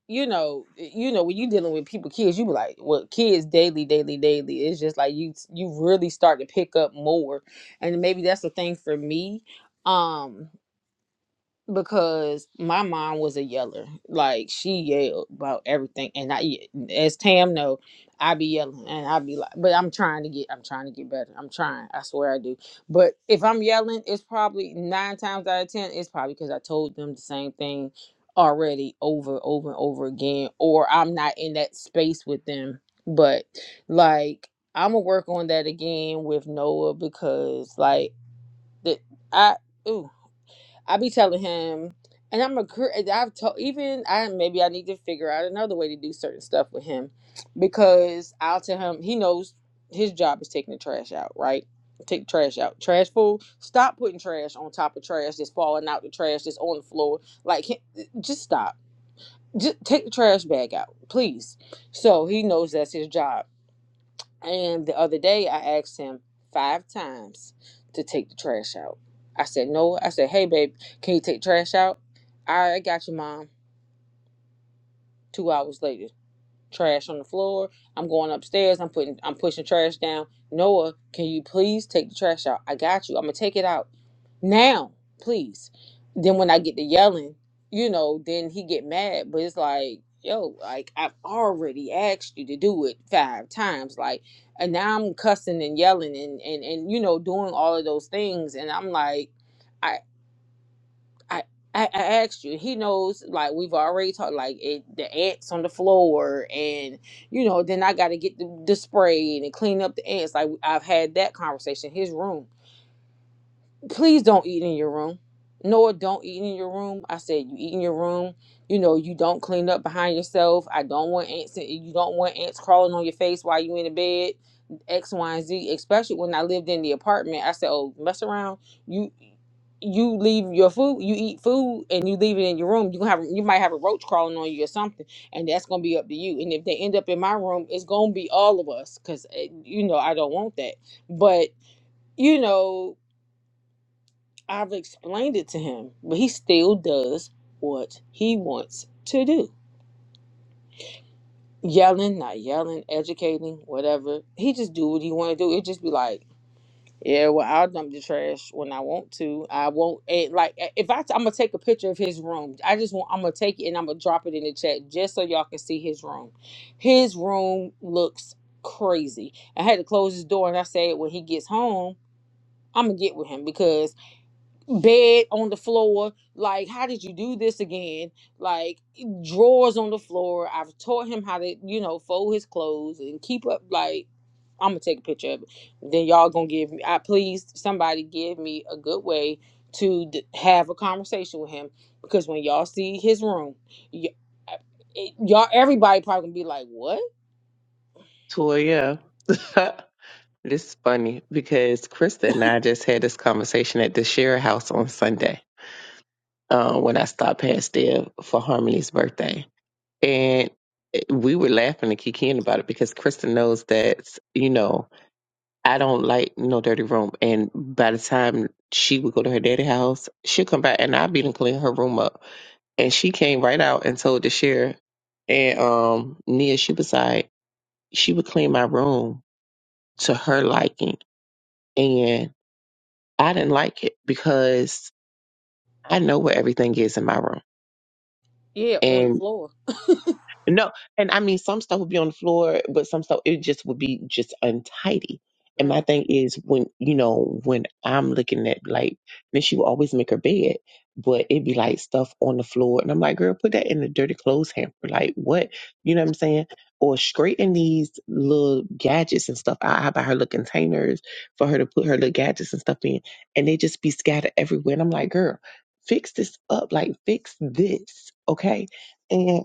[SPEAKER 6] you know, eh, you know, when you dealing with people, kids, you be like, well, kids daily, daily, daily. It's just like you, you really start to pick up more, and maybe that's the thing for me. Um, because my mom was a yeller. Like she yelled about everything, and I, as Tam know, I be yelling, and I be like, but I'm trying to get, I'm trying to get better. I'm trying. I swear I do. But if I'm yelling, it's probably nine times out of ten, it's probably because I told them the same thing already over, over, and over again, or I'm not in that space with them. But like, I'm gonna work on that again with Noah because like the I. ooh. I be telling him, and I'm a, cr- I've told even I maybe I need to figure out another way to do certain stuff with him because I'll tell him he knows his job is taking the trash out, right? Take the trash out, trash full. Stop putting trash on top of trash that's falling out the trash that's on the floor. Like, he- just stop. Just take the trash bag out, please. So he knows that's his job and the other day, I asked him five times to take the trash out. I said, No. I said, Hey, babe, can you take the trash out? All right, I got you, mom. Two hours later trash on the floor. I'm going upstairs. I'm putting I'm pushing trash down. Noah, can you please take the trash out? I got you. I'm gonna take it out now, please. Then when I get to yelling, you know, then he get mad. But it's like, yo, like I've already asked you to do it five times, like, and now I'm cussing and yelling and and and you know doing all of those things, and I'm like. I, I I asked you. He knows, like we've already talked, like it, the ants on the floor, and you know, then I got to get the, the spray and clean up the ants. Like I've had that conversation. His room please don't eat in your room. Noah, don't eat in your room. I said, you eat in your room. You know, you don't clean up behind yourself. I don't want ants. You don't want ants crawling on your face while you in the bed. X, Y, and Z. Especially when I lived in the apartment. I said, oh, mess around. You, you leave your food. You eat food and you leave it in your room. You gonna have. You might have a roach crawling on you or something, and that's gonna be up to you. And if they end up in my room, it's gonna be all of us, cause eh, you know I don't want that. But you know. I've explained it to him, but he still does what he wants to do. Yelling, not yelling, educating, whatever. He just do what he want to do. It just be like, yeah, well, I'll dump the trash when I want to. I won't. It, like if I, I'm gonna take a picture of his room. I just want. I'm gonna take it and I'm gonna drop it in the chat just so y'all can see his room. His room looks crazy. I had to close his door and I said, when he gets home, I'm gonna get with him because bed on the floor. Like, how did you do this again? Like, e, drawers on the floor. I've taught him how to, you know, fold his clothes and keep up. Like, I'm gonna take a picture of it. Then y'all gonna give me. I please somebody give me a good way to d- have a conversation with him because when y'all see his room, y- uh, it- y'all everybody probably gonna be like, what?
[SPEAKER 5] Toya, this is funny because Krista and I just had this conversation at the Share House on Sunday uh, when I stopped past there for Harmony's birthday. And we were laughing and kikiing about it because Krista knows that, you know, I don't like no dirty room. And by the time she would go to her daddy house, she'll come back and I'll be done clean her room up. And she came right out and told the share and um Nia, she was like, she would clean my room to her liking And I didn't like it because I know where everything is in my room.
[SPEAKER 6] Yeah, on the
[SPEAKER 5] And
[SPEAKER 6] floor.
[SPEAKER 5] No, and I mean some stuff would be on the floor, but some stuff it just would be just untidy. And my
[SPEAKER 6] Mm.
[SPEAKER 5] thing is when you know when I'm looking at like, then she would always make her bed, but it'd be like stuff on the floor, and I'm like, girl, put that in the dirty clothes hamper. Like what? You know what I'm saying? Or straighten these little gadgets and stuff out. How about her little containers for her to put her little gadgets and stuff in, and they just be scattered everywhere. And I'm like, girl, fix this up. Like fix this, okay? And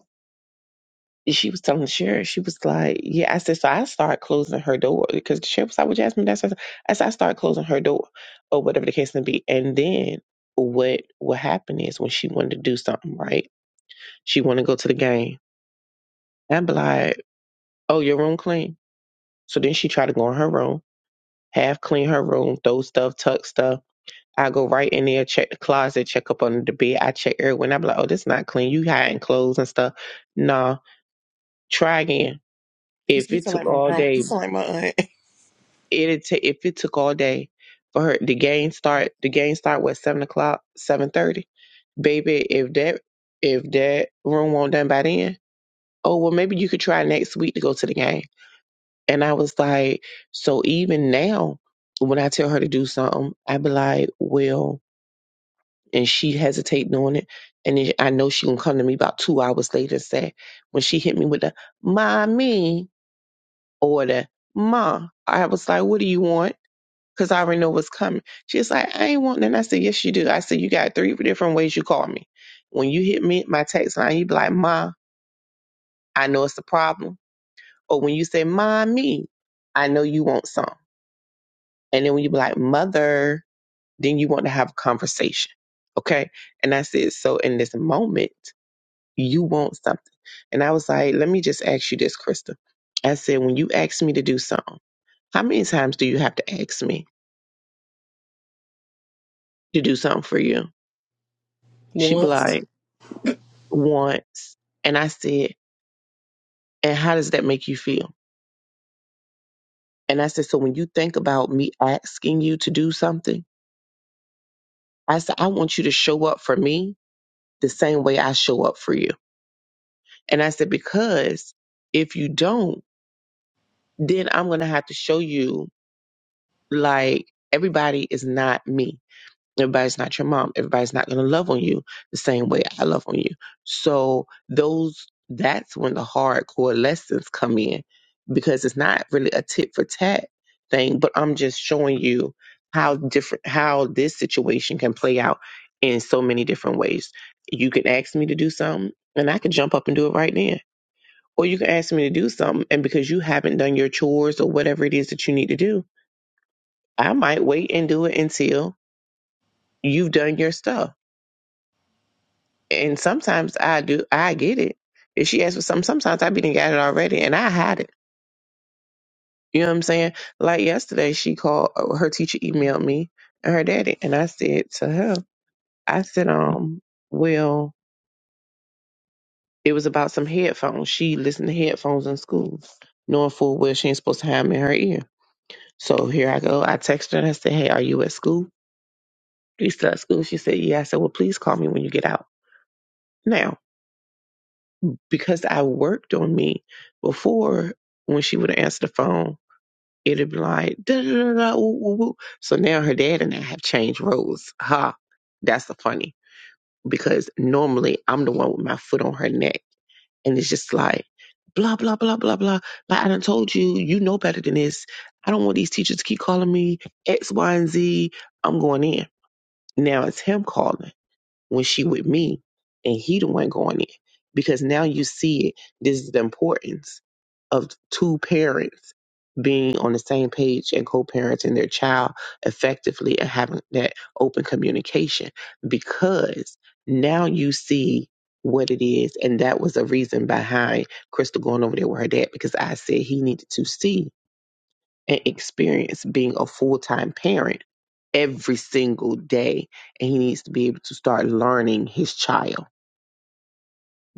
[SPEAKER 5] she was telling the sheriff, she was like, Yeah, I said, so I start closing her door because the sheriff was like, Well, Jasmine, that's that's-" I said, I start closing her door or whatever the case may be. And then what what happened is when she wanted to do something, right? She wanted to go to the game. i And be like, Oh, your room clean. So then she tried to go in her room, half clean her room, throw stuff, tuck stuff. I go right in there, check the closet, check up under the bed. I check everywhere. And I'm like, oh, this not clean. You hiding clothes and stuff. Nah, try again.
[SPEAKER 1] you
[SPEAKER 5] If
[SPEAKER 1] you
[SPEAKER 5] it
[SPEAKER 1] sound
[SPEAKER 5] took
[SPEAKER 1] like my
[SPEAKER 5] all
[SPEAKER 1] grandma.
[SPEAKER 5] day,
[SPEAKER 1] You sound like my aunt.
[SPEAKER 5] It ta- if it took all day for her the game start the game start what seven o'clock seven thirty baby if that if that room won't done by then oh well maybe you could try next week to go to the game and I was like so even now when I tell her to do something I be like well and she hesitate doing it and then I know she gonna come to me about two hours later and say when she hit me with the mommy or the ma I was like what do you want because I already know what's coming. She's like, I ain't want none. I said, Yes, you do. I said, You got three different ways you call me. When you hit me, my text line, you be like, Ma, I know it's a problem. Or when you say, Mommy, I know you want some. And then when you be like, Mother, then you want to have a conversation. Okay. And I said, So in this moment, you want something. And I was like, Let me just ask you this, Krista. I said, When you ask me to do something, how many times do you have to ask me to do something for you? She be like,
[SPEAKER 6] Once.
[SPEAKER 5] Once, And I said, and how does that make you feel? And I said, so when you think about me asking you to do something, I said, I want you to show up for me the same way I show up for you. And I said, because if you don't, then I'm going to have to show you like everybody is not me Everybody's not your mom. Everybody's not going to love on you the same way I love on you. So those that's when the hardcore lessons come in because it's not really a tit for tat thing, but I'm just showing you how different how this situation can play out in so many different ways. You can ask me to do something and I can jump up and do it right then. Or you can ask me to do something and because you haven't done your chores or whatever it is that you need to do, I might wait and do it until you've done your stuff And sometimes I do, I get it. If she asks for something, sometimes I be done got it already and I hide it. You know what I'm saying? Like yesterday, she called, uh, her teacher emailed me and her daddy. And I said to her, I said, um, well, it was about some headphones. She listened to headphones in school, knowing full well she ain't supposed to have them in her ear. So here I go. I texted her and I said, hey, are you at school? You still at school? She said, yeah. I said, well, please call me when you get out. Now, because I worked on me before when she would answer the phone, it'd be like da da da da ooh, ooh, ooh. So now her dad and I have changed roles. Ha. That's the funny. Because normally I'm the one with my foot on her neck. And it's just like blah blah blah blah blah. Like I done told you, you know better than this. I don't want these teachers to keep calling me X, Y, and Z. I'm going in. Now it's him calling when she with me and he the one going in because now you see it this is the importance of two parents being on the same page and co-parenting their child effectively and having that open communication because now you see what it is and that was a reason behind crystal going over there with her dad because i said he needed to see and experience being a full time parent every single day. And he needs to be able to start learning his child.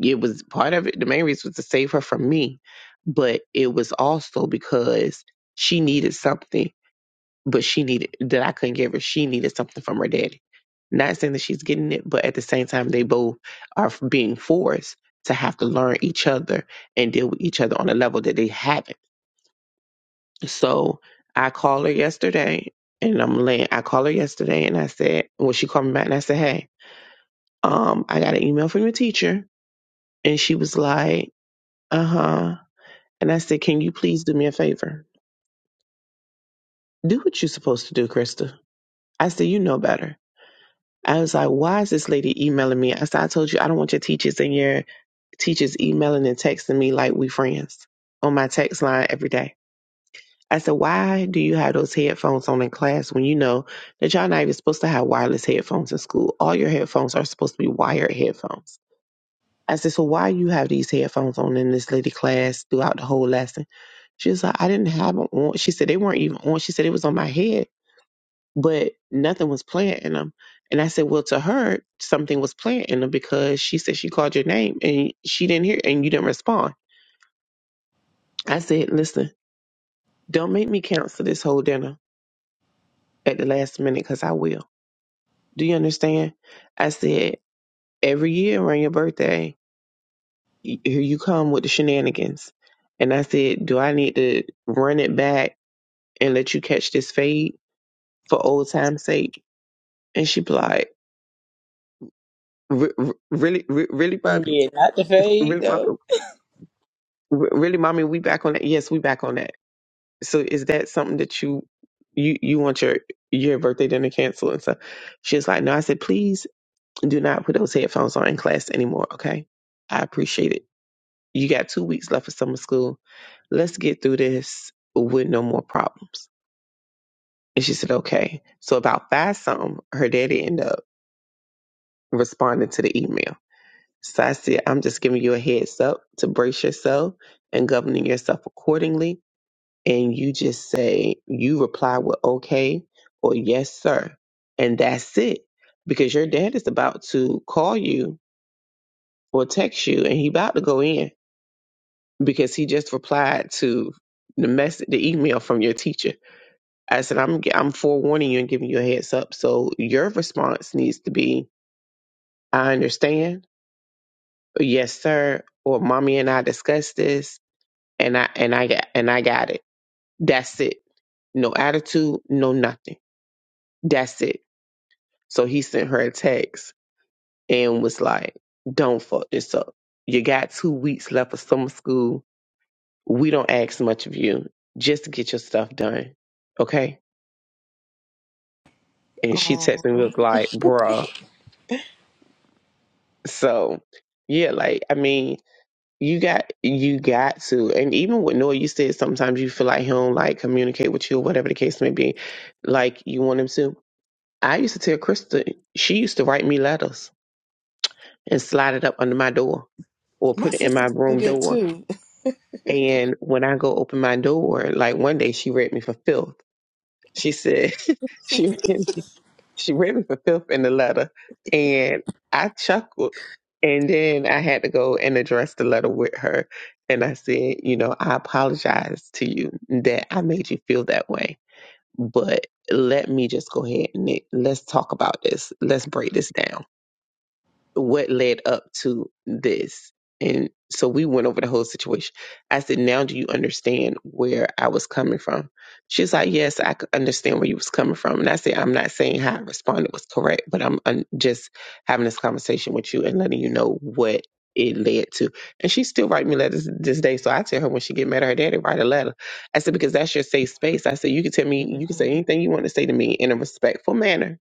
[SPEAKER 5] It was part of it, the main reason was to save her from me, but it was also because she needed something, but she needed that I couldn't give her. She needed something from her daddy. Not saying that she's getting it, but at the same time, they both are being forced to have to learn each other and deal with each other on a level that they haven't. So I called her yesterday and I'm laying I called her yesterday and I said Well, she called me back and I said, Hey, um, I got an email from your teacher and she was like, Uh huh and I said, Can you please do me a favor? Do what you're supposed to do, Krista. I said, You know better. I was like, Why is this lady emailing me? I said, I told you I don't want your teachers and your teachers emailing and texting me like we friends on my text line every day. I said, why do you have those headphones on in class when you know that y'all not even supposed to have wireless headphones in school? All your headphones are supposed to be wired headphones. I said, so why you have these headphones on in this lady class throughout the whole lesson? She was like, I didn't have them on. She said, they weren't even on. She said, it was on my head, but nothing was playing in them. And I said, well, to her, something was playing in them because she said she called your name and she didn't hear and you didn't respond. I said, listen, don't make me cancel this whole dinner at the last minute because I will. Do you understand? I said, every year around your birthday, y- here you come with the shenanigans. And I said, do I need to run it back and let you catch this fade for old time's sake? And she be like, "Re- re- really, re- really,
[SPEAKER 6] Mm,
[SPEAKER 5] mommy,
[SPEAKER 6] Yeah, not the fade
[SPEAKER 5] really, mommy,
[SPEAKER 6] though.
[SPEAKER 5] Re- really, mommy, we back on that. Yes, we back on that. So is that something that you, you, you want your your birthday dinner canceled and stuff? She was like, no. I said, please do not put those headphones on in class anymore. Okay, I appreciate it You got two weeks left of summer school. Let's get through this with no more problems. And she said, okay. So about five something, her daddy ended up responding to the email. So I said, I'm just giving you a heads up to brace yourself and governing yourself accordingly. And you just say, you reply with okay or yes, sir. And that's it. Because your dad is about to call you or text you and he about to go in because he just replied to the message, the email from your teacher. I said, I'm, I'm forewarning you and giving you a heads up. So your response needs to be, I understand. Or, yes, sir. Or mommy and I discussed this and I, and I got, and I got it. That's it. No attitude, no nothing. That's it. So he sent her a text and was like, don't fuck this up. You got two weeks left of summer school. We don't ask much of you. Just get your stuff done. Okay And she
[SPEAKER 1] Aw,
[SPEAKER 5] texted me was like, bruh. So yeah, like I mean, you got you got to. And even with Noah, you said sometimes you feel like he don't like communicate with you or whatever the case may be, like you want him to. I used to tell Krista, she used to write me letters and slide it up under my door or
[SPEAKER 1] my
[SPEAKER 5] put it in
[SPEAKER 1] sister
[SPEAKER 5] my
[SPEAKER 1] did
[SPEAKER 5] room
[SPEAKER 1] that
[SPEAKER 5] door.
[SPEAKER 1] too.
[SPEAKER 5] And when I go open my door, like one day she read me for filth. She said, she she read me for filth in the letter, and I chuckled. And then I had to go and address the letter with her. And I said, you know, I apologize to you that I made you feel that way, but let me just go ahead and let's talk about this. Let's break this down what led up to this. And so we went over the whole situation. I said, now do you understand where I was coming from? She's like, yes, I could understand where you was coming from. And I said, I'm not saying how I responded was correct, but I'm, I'm just having this conversation with you and letting you know what it led to. And she still write me letters this day. So I tell her when she get mad at her daddy, write a letter. I said, because that's your safe space. I said, you can tell me, you can say anything you want to say to me in a respectful manner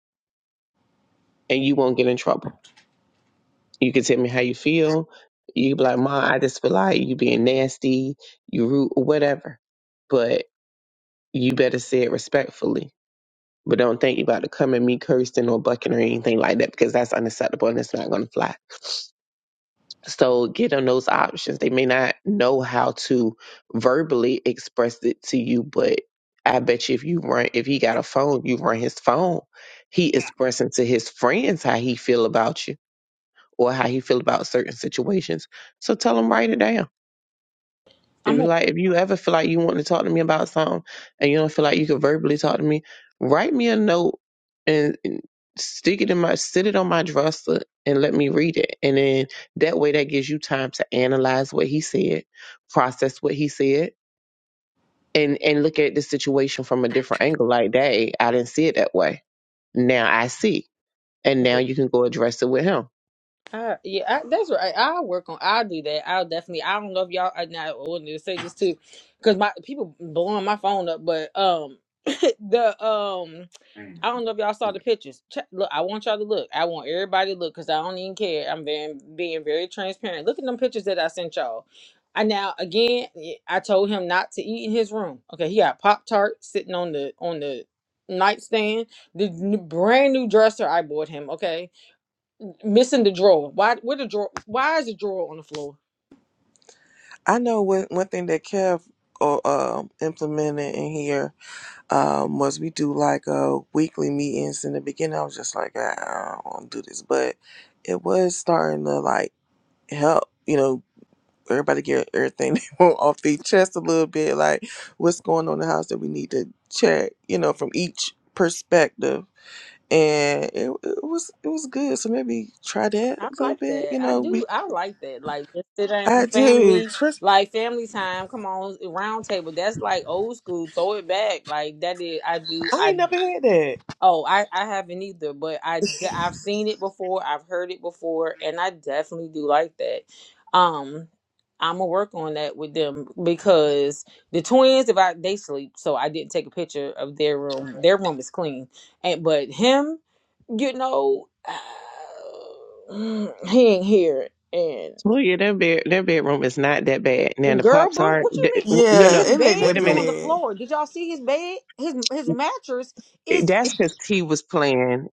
[SPEAKER 5] and you won't get in trouble. You can tell me how you feel. You be like, Mom, I just feel like you being nasty, you rude, or whatever. But you better say it respectfully. But don't think you about to come at me cursing or bucking or anything like that because that's unacceptable and it's not going to fly. So get them those options. They may not know how to verbally express it to you, but I bet you if you run, if he got a phone, you run his phone. He expressing to his friends how he feel about you or how he feel about certain situations. So tell him write it down. It'd
[SPEAKER 6] I'm
[SPEAKER 5] be
[SPEAKER 6] a
[SPEAKER 5] like if you ever feel like you want to talk to me about something and you don't feel like you can verbally talk to me, write me a note and and stick it in my sit it on my dresser and let me read it. And then that way that gives you time to analyze what he said, process what he said, and and look at the situation from a different angle. Like, dang, I didn't see it that way. Now I see. And
[SPEAKER 6] yeah.
[SPEAKER 5] now you can go address it with him
[SPEAKER 6] Uh, yeah, I, that's right. I'll work on. I'll do that. I'll definitely. I don't know if y'all. I, now, I wanted to say this too, because my people blowing my phone up. But um, the um, I don't know if y'all saw the pictures. Check, look, I want y'all to look. I want everybody to look because I don't even care. I'm being being very transparent. Look at them pictures that I sent y'all. I now again. I told him not to eat in his room. Okay, he got Pop Tart sitting on the on the nightstand. The n- brand new dresser I bought him. Okay Missing the drawer. Why? Where the drawer? Why is the drawer on the floor?
[SPEAKER 1] I know one one thing that Kev uh, um implemented in here um, was we do like a weekly meetings. In the beginning, I was just like, "Ah, I don't want to do this, but it was starting to like help, you know, everybody get everything they want off their chest a little bit, like what's going on in the house that we need to check, you know, from each perspective. And it, it was it was good. So maybe try that a
[SPEAKER 6] I
[SPEAKER 1] little
[SPEAKER 6] like
[SPEAKER 1] bit,
[SPEAKER 6] that.
[SPEAKER 1] you
[SPEAKER 6] I
[SPEAKER 1] know. We
[SPEAKER 6] do. I like that. Like just sit down,
[SPEAKER 1] I do.
[SPEAKER 6] family,
[SPEAKER 1] Trust
[SPEAKER 6] like family time. Come on, round table. That's like old school. Throw it back. Like that is. I do.
[SPEAKER 1] I
[SPEAKER 6] I.
[SPEAKER 1] ain't never had that.
[SPEAKER 6] Oh, I. I haven't either. But I. de- I've seen it before. I've heard it before, and I definitely do like that. Um, I'm gonna work on that with them because the twins. If I they sleep, so I didn't take a picture of their room. Their room is clean, and but him. you know, uh, he ain't here. And
[SPEAKER 5] Well, yeah, their bed, their bedroom is not that bad. Now the
[SPEAKER 6] girl,
[SPEAKER 5] pops
[SPEAKER 6] what,
[SPEAKER 5] are
[SPEAKER 6] what you mean?
[SPEAKER 5] th- no,
[SPEAKER 6] Th-
[SPEAKER 1] Yeah,
[SPEAKER 5] no.
[SPEAKER 6] His
[SPEAKER 1] it ain't
[SPEAKER 6] bed
[SPEAKER 5] Wait
[SPEAKER 1] that
[SPEAKER 5] a
[SPEAKER 6] is on
[SPEAKER 5] minute.
[SPEAKER 6] the
[SPEAKER 1] bad.
[SPEAKER 6] floor. Did y'all see his bed? His his mattress is.
[SPEAKER 5] That's because T was playing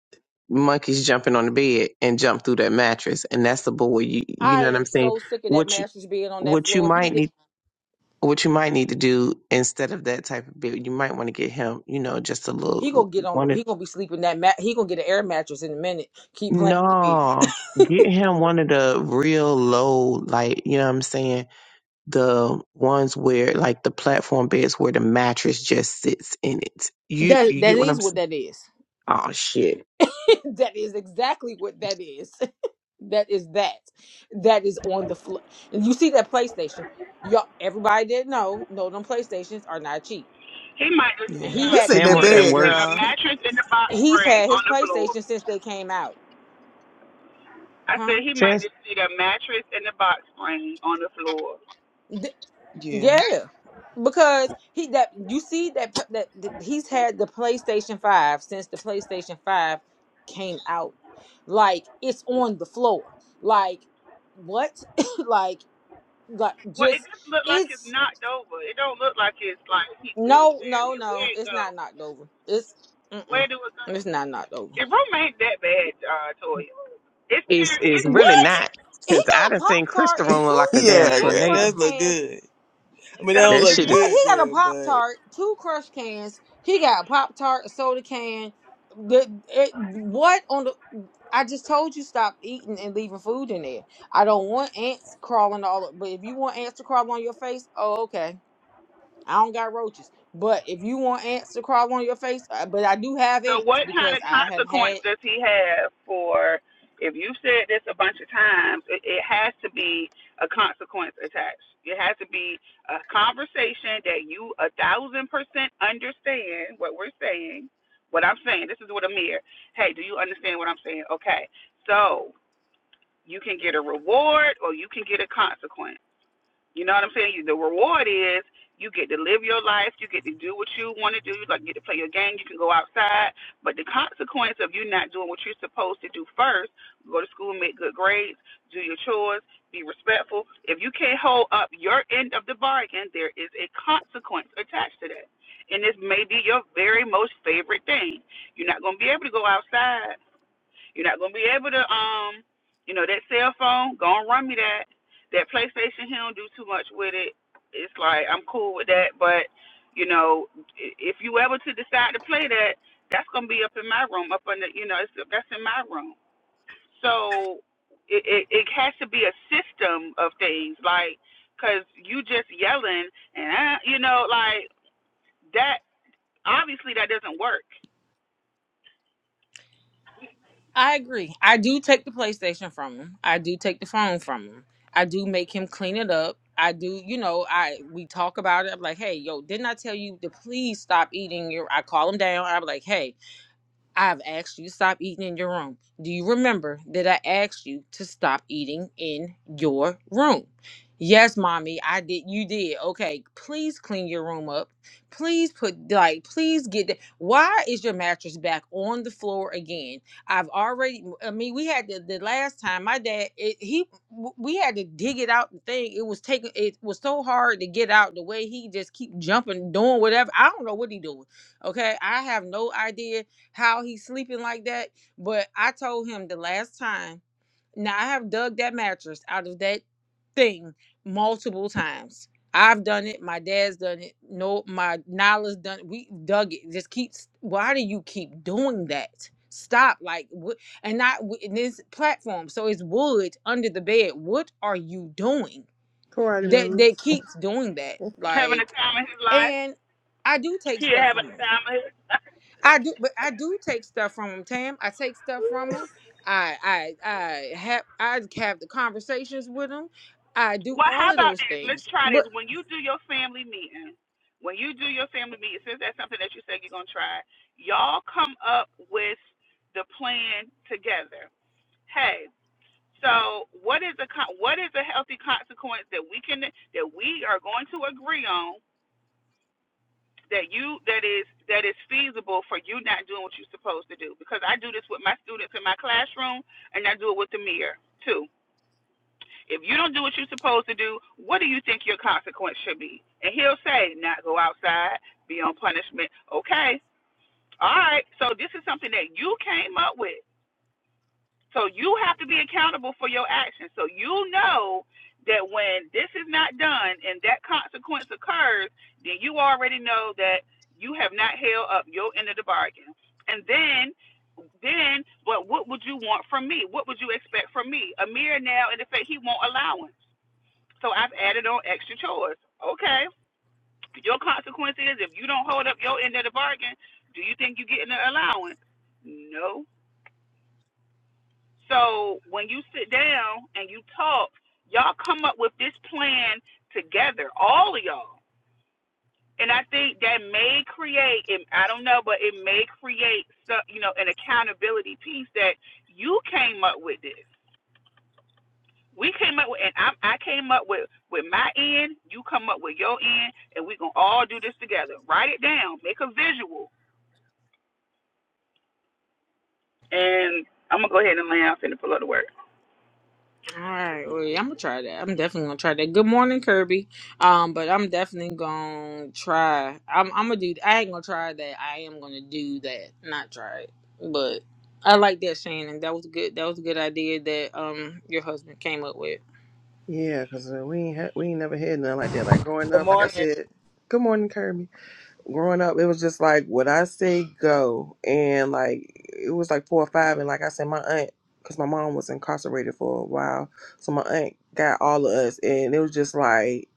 [SPEAKER 5] monkeys jumping on the bed and jumped through that mattress, and that's the boy. You, you
[SPEAKER 6] I
[SPEAKER 5] know what I'm
[SPEAKER 6] am
[SPEAKER 5] saying?
[SPEAKER 6] so sick of that
[SPEAKER 5] What you,
[SPEAKER 6] mattress being on that
[SPEAKER 5] what you
[SPEAKER 6] floor. He
[SPEAKER 5] might
[SPEAKER 6] did.
[SPEAKER 5] need, what you might need to do instead of that type of bed, you might want to get him, you know, just a
[SPEAKER 6] He
[SPEAKER 5] little
[SPEAKER 6] gonna get on the.
[SPEAKER 5] one. Of,
[SPEAKER 6] He gonna be sleeping that mat. He gonna get an air mattress in a minute. Keep playing with me.
[SPEAKER 5] no, get him one of the real low, like you know what I'm saying the ones where like the platform beds where the mattress just sits in it. You
[SPEAKER 6] That
[SPEAKER 5] you
[SPEAKER 6] that
[SPEAKER 5] get what
[SPEAKER 6] is
[SPEAKER 5] I'm
[SPEAKER 6] what
[SPEAKER 5] saying?
[SPEAKER 6] that is.
[SPEAKER 5] Oh shit.
[SPEAKER 6] that is exactly what that is. that is that that is on the floor and you see that playstation y'all everybody didn't know no them playstations are not cheap
[SPEAKER 3] He might just see
[SPEAKER 6] and
[SPEAKER 1] Yeah,
[SPEAKER 3] a,
[SPEAKER 6] he
[SPEAKER 1] this
[SPEAKER 6] had the
[SPEAKER 1] ain't
[SPEAKER 3] he
[SPEAKER 1] that
[SPEAKER 3] need
[SPEAKER 5] Hammer at
[SPEAKER 1] bad,
[SPEAKER 6] playstation
[SPEAKER 5] work.
[SPEAKER 3] a, a
[SPEAKER 1] girl.
[SPEAKER 6] he,
[SPEAKER 3] mattress in the box
[SPEAKER 6] he's
[SPEAKER 3] spring
[SPEAKER 6] had his
[SPEAKER 3] on the floor.
[SPEAKER 6] playstation since they came out
[SPEAKER 3] I
[SPEAKER 6] huh
[SPEAKER 3] said he might
[SPEAKER 5] Since
[SPEAKER 3] just see that.
[SPEAKER 6] D-
[SPEAKER 1] Yeah.
[SPEAKER 6] yeah because he that you see that pl- that that he's had the playstation 5 since the playstation 5 came out like it's on the floor like what like like
[SPEAKER 3] Well, it just
[SPEAKER 6] just
[SPEAKER 3] looked like his
[SPEAKER 6] it's
[SPEAKER 3] nose down
[SPEAKER 6] No, no,
[SPEAKER 3] there.
[SPEAKER 6] no. It's
[SPEAKER 3] Where,
[SPEAKER 6] not knocked over. It's mm-mm.
[SPEAKER 3] where do it go,
[SPEAKER 6] It's not knocked over.
[SPEAKER 3] at, uh, Toya? It's
[SPEAKER 5] it's
[SPEAKER 3] tearing,
[SPEAKER 5] it's
[SPEAKER 3] it's
[SPEAKER 6] What?
[SPEAKER 5] really
[SPEAKER 3] tearing your,
[SPEAKER 5] not.
[SPEAKER 6] He
[SPEAKER 5] Cause I
[SPEAKER 6] got a
[SPEAKER 5] done
[SPEAKER 6] pop
[SPEAKER 5] seen
[SPEAKER 6] tart
[SPEAKER 5] Crystal
[SPEAKER 6] and
[SPEAKER 5] rolling
[SPEAKER 6] two
[SPEAKER 5] like a
[SPEAKER 6] and
[SPEAKER 5] damn
[SPEAKER 1] Yeah,
[SPEAKER 6] two
[SPEAKER 1] girl,
[SPEAKER 6] crush
[SPEAKER 1] that
[SPEAKER 5] tornado.
[SPEAKER 1] look
[SPEAKER 6] cans.
[SPEAKER 1] good. I mean, that don't
[SPEAKER 5] That
[SPEAKER 1] look
[SPEAKER 5] shit is
[SPEAKER 3] okay.
[SPEAKER 6] What? He
[SPEAKER 1] good,
[SPEAKER 6] got a
[SPEAKER 1] good,
[SPEAKER 6] pop
[SPEAKER 1] but
[SPEAKER 6] tart, two crush cans. He got a pop tart, a soda can. The it, what on the? I just told you stop eating and leaving food in there. I don't want ants crawling all. up. But if you want ants to crawl on your face, oh okay. I don't got roaches. But if you want ants to crawl on your face, uh, but I do have
[SPEAKER 3] So
[SPEAKER 6] ants
[SPEAKER 3] what kind
[SPEAKER 6] because
[SPEAKER 3] of
[SPEAKER 6] I have
[SPEAKER 3] consequence
[SPEAKER 6] had
[SPEAKER 3] does he have for if you've said this a bunch of times, it, it has to be a consequence attached. It has to be a conversation that you a thousand percent understand what we're saying, what I'm saying. This is what Amir. Hey, do you understand what I'm saying? Okay. So you can get a reward or you can get a consequence. You know what I'm saying? The reward is you get to live your life, you get to do what you want to do, you like get to play your game, you can go outside. But the consequence of you not doing what you're supposed to do first, go to school, make good grades, do your chores, be respectful. If you can't hold up your end of the bargain, there is a consequence attached to that. And this may be your very most favorite thing. You're not going to be able to go outside you're not gonna be able to um, you know, that cell phone, go and run me that. That PlayStation, he don't do too much with it. It's like I'm cool with that, but you know, if you ever to decide to play that, that's gonna be up in my room, up under, you know, it's, that's in my room. So it, it it has to be a system of things, like, cause you just yelling and uh, you know, like that. Obviously, that doesn't work.
[SPEAKER 6] I agree. I do take the PlayStation from him. I do take the phone from him. I do make him clean it up. I do, you know, I we talk about it. I'm like, hey, yo, didn't I tell you to please stop eating your I call him down. I'm like, hey, I've asked you to stop eating in your room. Do you remember that I asked you to stop eating in your room? Yes, mommy, I did. You did. Okay, please clean your room up. Please put, like, please get that. Why is your mattress back on the floor again? I've already, I mean, we had the, the last time my dad, it, he, w- we had to dig it out the thing. It was taking, it was so hard to get out the way he just keep jumping, doing whatever. I don't know what he doing. Okay, I have no idea how he's sleeping like that. But I told him the last time. Now I have dug that mattress out of that thing multiple times. I've done it. My dad's done it. No, my Nala's done. It. We dug it. Just keep. Why do you keep doing that? Stop. Like, what? And not w- in this platform. So it's wood under the bed. What are you doing?
[SPEAKER 1] Karate
[SPEAKER 6] That
[SPEAKER 1] moves.
[SPEAKER 6] that keeps doing that.
[SPEAKER 3] Having a
[SPEAKER 6] Like,
[SPEAKER 3] time in his life,
[SPEAKER 6] and I do take
[SPEAKER 3] he
[SPEAKER 6] stuff
[SPEAKER 3] having
[SPEAKER 6] from him.
[SPEAKER 3] a time of his. life.
[SPEAKER 6] I do, but I do take stuff from them, Tam. I take stuff from them. I I I have I have the conversations with them. I do
[SPEAKER 3] Well,
[SPEAKER 6] all
[SPEAKER 3] how
[SPEAKER 6] of
[SPEAKER 3] about
[SPEAKER 6] those
[SPEAKER 3] this? Let's
[SPEAKER 6] things.
[SPEAKER 3] try
[SPEAKER 6] But
[SPEAKER 3] this. When you do your family meeting, when you do your family meeting, since that's something that you said you're gonna try, y'all come up with the plan together. Hey, so what is a con- what is a healthy consequence that we can that we are going to agree on that you that is that is feasible for you not doing what you're supposed to do? Because I do this with my students in my classroom, and I do it with the mirror too. If you don't do what you're supposed to do, what do you think your consequence should be? And he'll say, not go outside, be on punishment. Okay, all right. So this is something that you came up with. So you have to be accountable for your actions. So you know that when this is not done and that consequence occurs, then you already know that you have not held up your end of the bargain. And then then but what would you want from me? What would you expect from me? Amir now in effect he won't allow him. So I've added on extra chores. Okay. Your consequence is if you don't hold up your end of the bargain, do you think you're getting an allowance? No. So when you sit down and you talk, y'all come up with this plan together, all of y'all. And I think that may create, I don't know, but it may create, some, you know, an accountability piece that you came up with this. We came up with, and I, I came up with with my end. You come up with your end, and we gonna all do this together. Write it down, make a visual, and I'm gonna go ahead and lay out and pull up the word.
[SPEAKER 6] all right, well, yeah, I'm gonna try that. I'm definitely gonna try that. Good morning, Kirby. Um, but I'm definitely gonna try. I'm I'm gonna do. I ain't gonna try that. I am gonna do that. Not try it, but I like that, Shannon. That was good. That was a good idea that um your husband came up with.
[SPEAKER 1] Yeah, because we ain't ha- we ain't never had nothing like that. Like growing
[SPEAKER 7] Good
[SPEAKER 1] up, like I
[SPEAKER 7] morning.
[SPEAKER 1] said, good morning, Kirby. Growing up, it was just like what I say go, and like it was like four or five, and like I said, my aunt, because my mom was incarcerated for a while, so my aunt got all of us, and it was just like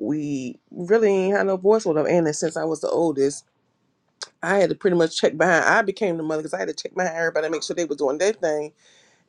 [SPEAKER 1] we really ain't had no voice with them. And since I was the oldest. I had to pretty much check behind. I became the mother because I had to check behind everybody, make sure they were doing their thing,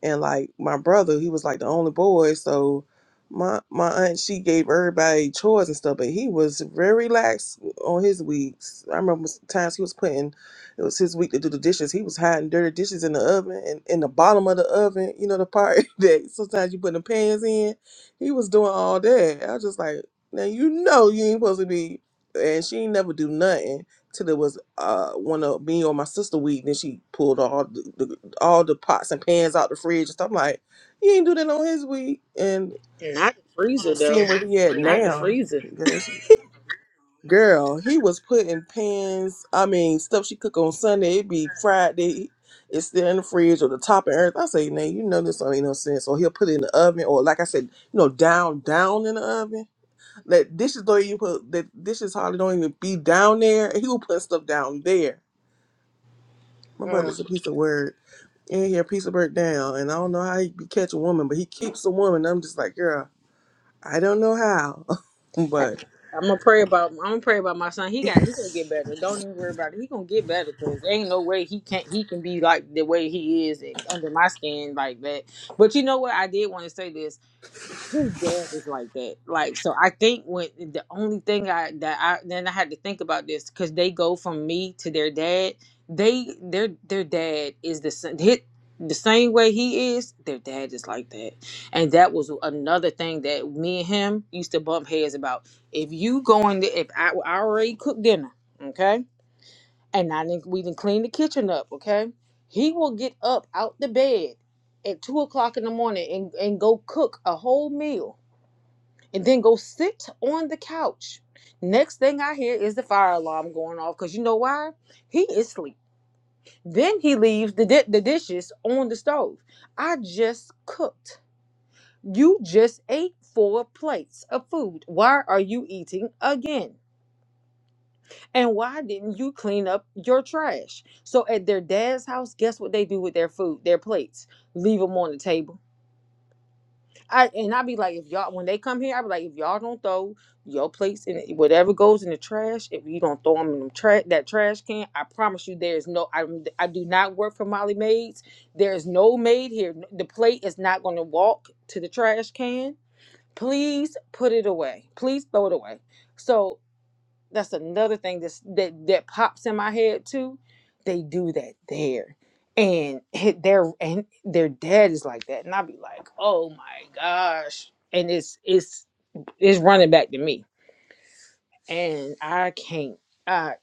[SPEAKER 1] and like my brother, he was like the only boy, so my my aunt she gave everybody chores and stuff, but he was very lax on his weeks. I remember times he was putting it was his week to do the dishes. He was hiding dirty dishes in the oven and in the bottom of the oven, you know, the part that sometimes you put the pans in. He was doing all that. I was just like, now you know you ain't supposed to be and she ain't never do nothing till it was uh one of me or my sister week, then she pulled all the, all the pots and pans out the fridge and stuff. I'm like, he ain't do that on his week. And
[SPEAKER 6] Not the freezer though.
[SPEAKER 1] seeing where he at
[SPEAKER 6] Not the
[SPEAKER 1] now,
[SPEAKER 6] freezer.
[SPEAKER 1] girls- girl, he was putting pans. I mean, stuff she cook on Sunday, it be Friday. It's still in the fridge or the top and everything. I say, nah, you know this don't make no sense. Or he'll put it in the oven, or like I said, you know, down, down in the oven. That dishes don't even put that dishes hardly don't even be down there. He will put stuff down there. My brother's a piece of word. in here piece of bird down, and I don't know how he be catch a woman, but he keeps a woman. I'm just like, girl, I don't know how, but
[SPEAKER 6] I'm gonna pray about. I'm gonna pray about my son. He got. He gonna get better. Don't even worry about it. He gonna get better because ain't no way he can't. He can be like the way he is and under my skin like that. But you know what? I did want to say this his dad is like that. Like so, I think when the only thing I that I then I had to think about this because they go from me to their dad. They their their dad is the sa- hit the same way he is. Their dad is like that, and that was another thing that me and him used to bump heads about. If you going to if I, I already cooked dinner, okay, and I didn't we didn't clean the kitchen up, okay, he will get up out the bed at two o'clock in the morning and, and go cook a whole meal and then go sit on the couch. Next thing I hear is the fire alarm going off because you know why? He is asleep. Then he leaves the, di- the dishes on the stove. I just cooked. You just ate four plates of food. Why are you eating again? And why didn't you clean up your trash? So at their dad's house, guess what they do with their food, their plates? Leave them on the table I and I be like, if y'all when they come here, I be like, if y'all don't throw your plates and whatever goes in the trash, if you don't throw them in them tra- that trash can, I promise you, there is no. I I do not work for Molly Maids. There is no maid here. The plate is not going to walk to the trash can. Please put it away. Please throw it away. So. That's another thing that's, that that pops in my head too. They do that there, and hit their and their dad is like that, and I be like, oh my gosh, and it's it's it's running back to me, and I can't. I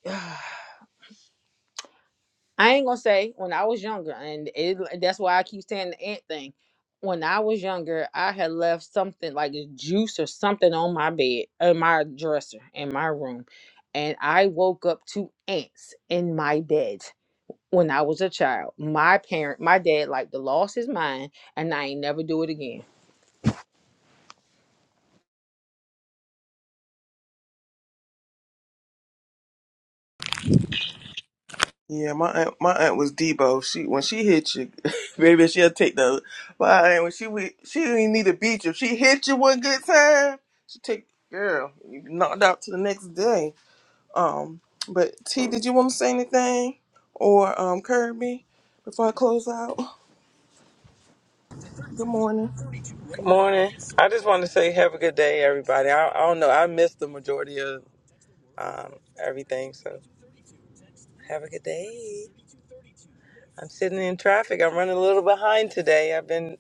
[SPEAKER 6] I ain't gonna say when I was younger, and it, that's why I keep saying the ant thing. When I was younger, I had left something like a juice or something on my bed, in my dresser, in my room, and I woke up to ants in my bed. When I was a child, my parent, my dad, like the lost his mind, and I ain't never do it again.
[SPEAKER 1] Yeah, my aunt, my aunt was Debo. She when she hit you, baby, she'll take the. My aunt when she would- she didn't need to beat you. If she hit you one good time, she take girl you knocked out to the next day. Um, but T, did you want to say anything or um Kirby before I close out? Good morning.
[SPEAKER 7] Good morning. I just want to say have a good day, everybody. I, I don't know. I missed the majority of um, everything, so have a good day. I'm sitting in traffic. I'm running a little behind today. I've been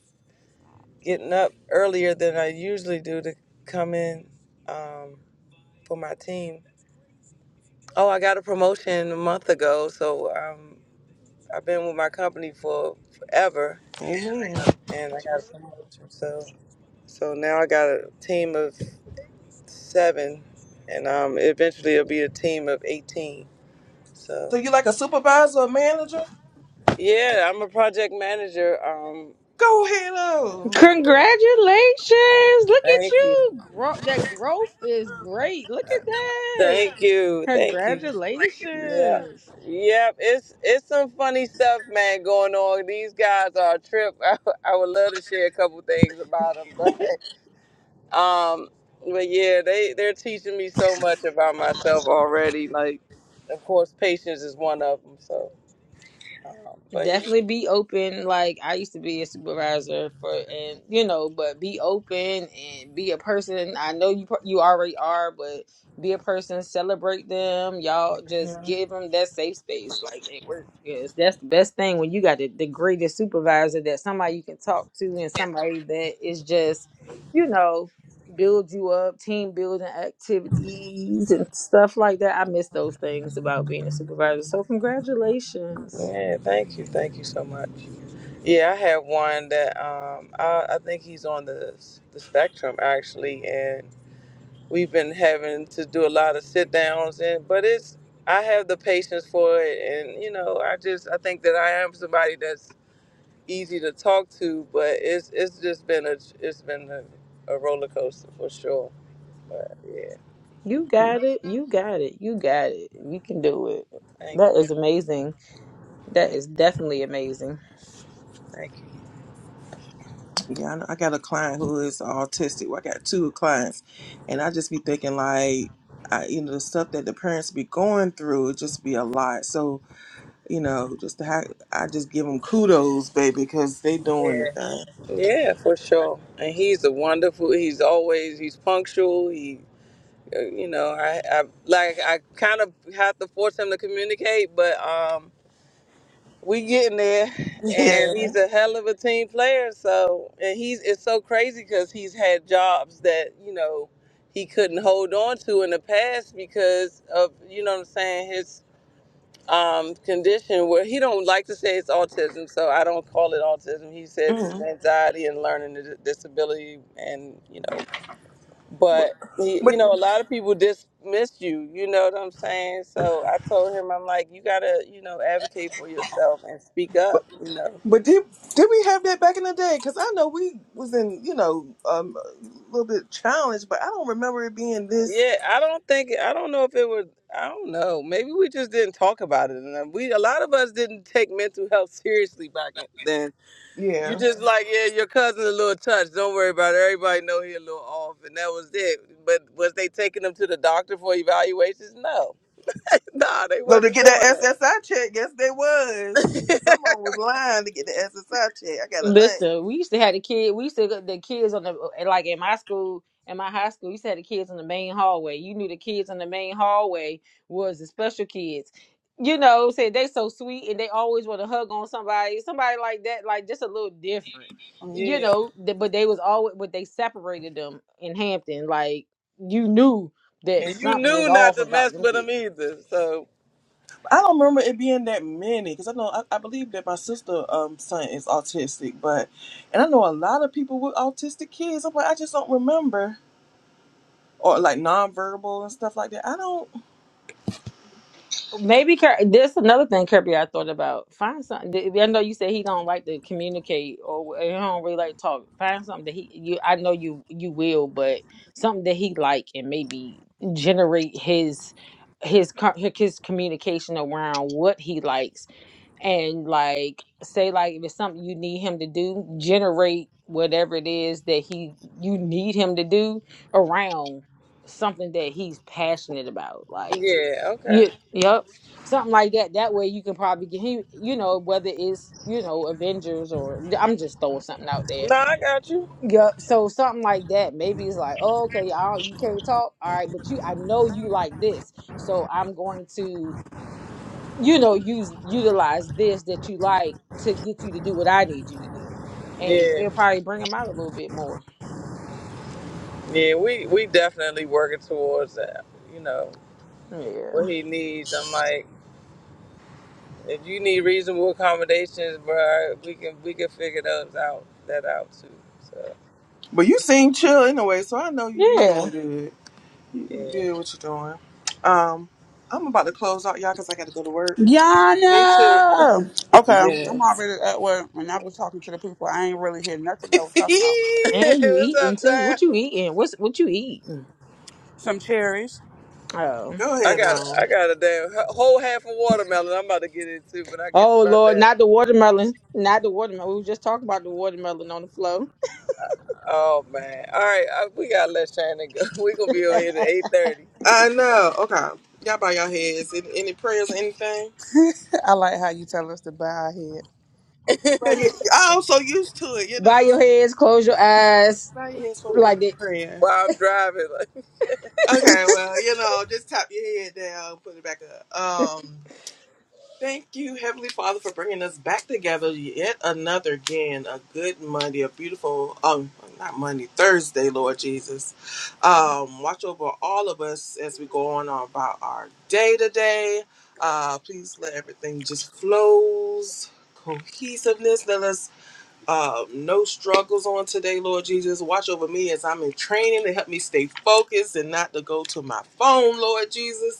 [SPEAKER 7] getting up earlier than I usually do to come in um, for my team. Oh, I got a promotion a month ago, so um, I've been with my company for forever,
[SPEAKER 1] Amen.
[SPEAKER 7] and I got a promotion. So, so now I got a team of seven, and um, eventually it'll be a team of eighteen. So
[SPEAKER 1] So you like a supervisor or manager?
[SPEAKER 7] yeah, I'm a project manager. Um,
[SPEAKER 1] Go Halo.
[SPEAKER 7] yeah.
[SPEAKER 6] Congratulations! Look at
[SPEAKER 7] thank you,
[SPEAKER 6] you, Gro- that growth is great. Look at that!
[SPEAKER 7] thank you, thank you. Yeah,
[SPEAKER 6] Congratulations!
[SPEAKER 7] yep. It's it's some funny stuff, man, going on. These guys are a trip. I, I would love to share a couple things about them, but um, but yeah, they they're teaching me so much about myself already. Like, of course, patience is one of them. So, um, but
[SPEAKER 6] definitely be open like i used to be a supervisor for and you know but be open and be a person i know you pro- you already are but be a person celebrate them y'all
[SPEAKER 7] yeah.
[SPEAKER 6] just give them that safe space like it work yes that's the best thing when you got the, the greatest supervisor that somebody you can talk to and somebody that is just you know build you up team building activities and stuff like that i miss those things about being a supervisor so congratulations
[SPEAKER 7] Yeah, thank you, thank you so much. Yeah, I had one that um, I, I think he's on the the spectrum actually, and we've been having to do a lot of sit downs, and but it's I have the patience for it, and you know, I just I think that I am somebody that's easy to talk to, but it's it's just been a it's been a, a roller coaster for sure. But yeah,
[SPEAKER 6] You got it. You got it. You got it. You can do it.
[SPEAKER 7] thank
[SPEAKER 6] That
[SPEAKER 7] you,
[SPEAKER 6] is amazing. That
[SPEAKER 7] thank
[SPEAKER 6] is
[SPEAKER 7] you,
[SPEAKER 6] definitely amazing.
[SPEAKER 7] thank you.
[SPEAKER 1] Yeah, I, know, I got a client who is autistic. Well, I got two clients, and I just be thinking like, I, you know, the stuff that the parents be going through it just be a lot. So you know, just to have, I just give them kudos, baby, because they doing the
[SPEAKER 7] Yeah,
[SPEAKER 1] thing.
[SPEAKER 7] yeah, for sure. And he's a wonderful. He's always he's punctual. He Uh, You know, I, I like I kind of have to force him to communicate, but um, we getting there, and
[SPEAKER 1] Yeah.
[SPEAKER 7] he's a hell of a team player. So, and he's it's so crazy because he's had jobs that you know he couldn't hold on to in the past because of you know what I'm saying his um condition where he don't like to say it's autism so i don't call it autism he says it's
[SPEAKER 1] hmm
[SPEAKER 7] anxiety and learning dis- disability and you know but he, you
[SPEAKER 1] But
[SPEAKER 7] know a lot of people dismiss you you know what i'm saying so i told him i'm like you gotta you know advocate for yourself and speak up you know
[SPEAKER 1] but did did we have that back in the day? Because I know we was in you know um, a little bit challenged, but I don't remember it being this.
[SPEAKER 7] yeah i don't think i don't know if it was i don't know maybe we just didn't talk about it enough we a lot of us didn't take mental health seriously back in- then
[SPEAKER 1] Yeah.
[SPEAKER 7] you just like yeah your cousin's a little touched don't worry about it everybody know he a little off and that was it but was they taking him to the doctor for evaluations no nah they
[SPEAKER 1] No, to
[SPEAKER 7] wasn't
[SPEAKER 1] get that
[SPEAKER 7] doing that
[SPEAKER 1] SSI check, yes, they was. Someone was lying to get the SSI check. I got an aunt.
[SPEAKER 6] Listen, we used to have the kid. We used to get the kids on the eh, like in my school, in my high school. We used to have the kids in the main hallway. You knew the kids in the main hallway was the special kids. You know, said they so sweet and they always want to hug on somebody, somebody like that, like just a little different. You
[SPEAKER 7] Yeah.
[SPEAKER 6] know, th- but they was always, but they separated them in Hampton. Like you knew that
[SPEAKER 7] And you
[SPEAKER 6] something was
[SPEAKER 7] knew not
[SPEAKER 6] off
[SPEAKER 7] to
[SPEAKER 6] about
[SPEAKER 7] mess
[SPEAKER 6] them
[SPEAKER 7] with them either. So
[SPEAKER 1] I don't remember it being that many because I know I, I believe that my sister um son is autistic, but and I know a lot of people with autistic kids. I'm like, I just don't remember or like nonverbal and stuff like that. I don't.
[SPEAKER 6] Maybe Kir- this another thing Kirby I thought about. Find something. I know you said he don't like to communicate or he don't really like to talk. Find something that he you. I know you you will, but something that he like and maybe generate his his co- his communication around what he likes and like say like if it's something you need him to do, generate whatever it is that he you need him to do around something that he's passionate about like
[SPEAKER 7] yeah, okay.
[SPEAKER 6] yeah, yep. Something like that. That way you can probably get he you know, whether it's, you know, Avengers or I'm just throwing something out there.
[SPEAKER 7] No, I got you.
[SPEAKER 6] Yep. So something like that. Maybe it's like, oh, okay, you can't talk. All you can't talk. All right, but you I know you like this. So I'm going to, you know, use utilize this that you like to get you to do what I need you to do. And
[SPEAKER 7] Yeah,
[SPEAKER 6] it'll probably bring them out a little bit more.
[SPEAKER 7] yeah. We we definitely working towards that. You know
[SPEAKER 6] Yeah.
[SPEAKER 7] what he needs. I'm like, if you need reasonable accommodations, bro, we can we can figure those out that out too. So
[SPEAKER 1] But you seem chill anyway, so I know you you doing
[SPEAKER 6] Yeah.
[SPEAKER 1] good. You, you
[SPEAKER 7] yeah.
[SPEAKER 1] did what you're doing. Um, I'm about to close out y'all because I got to go to work.
[SPEAKER 7] Me too.
[SPEAKER 3] Yana. Okay, I'm
[SPEAKER 1] Yes.
[SPEAKER 3] already at work, and I was talking to the people. I ain't really hear nothing. I was
[SPEAKER 1] go
[SPEAKER 3] talking about
[SPEAKER 6] And you
[SPEAKER 7] What's up,
[SPEAKER 6] eating too.
[SPEAKER 7] Tam?
[SPEAKER 6] What you eating? What's what you eating?
[SPEAKER 3] some cherries.
[SPEAKER 6] Oh.
[SPEAKER 7] I
[SPEAKER 1] ahead
[SPEAKER 7] got
[SPEAKER 1] on.
[SPEAKER 7] I got a damn h- whole half a watermelon. I'm about to get into when I get to
[SPEAKER 6] Oh
[SPEAKER 7] my
[SPEAKER 6] Lord,
[SPEAKER 7] desk.
[SPEAKER 6] not the watermelon. Not the watermelon. We were just talking about the watermelon on the floor.
[SPEAKER 7] Oh man! All right, I, we gotta let Shannon go. We gonna be on here at 8:30.
[SPEAKER 1] I know. Okay. Y'all bow your heads. Any, any prayers or anything?
[SPEAKER 3] I like how you tell us to bow our head.
[SPEAKER 1] I'm so used to it, you
[SPEAKER 6] Bow your
[SPEAKER 1] know.
[SPEAKER 6] heads, close your eyes.
[SPEAKER 1] Bow your heads for a moment
[SPEAKER 6] Like that.
[SPEAKER 1] of prayer.
[SPEAKER 7] while I'm driving. Like,
[SPEAKER 1] Okay, well, you know, just tap your head down, put it back up. Um, Thank you, Heavenly Father, for bringing us back together yet another again. A good Monday, a beautiful, um, not Monday, Thursday, Lord Jesus. Um, watch over all of us as we go on about our day to day. Uh, please let everything just flows, cohesiveness. Let us uh, no struggles on today, Lord Jesus. Watch over me as I'm in training to help me stay focused and not to go to my phone, Lord Jesus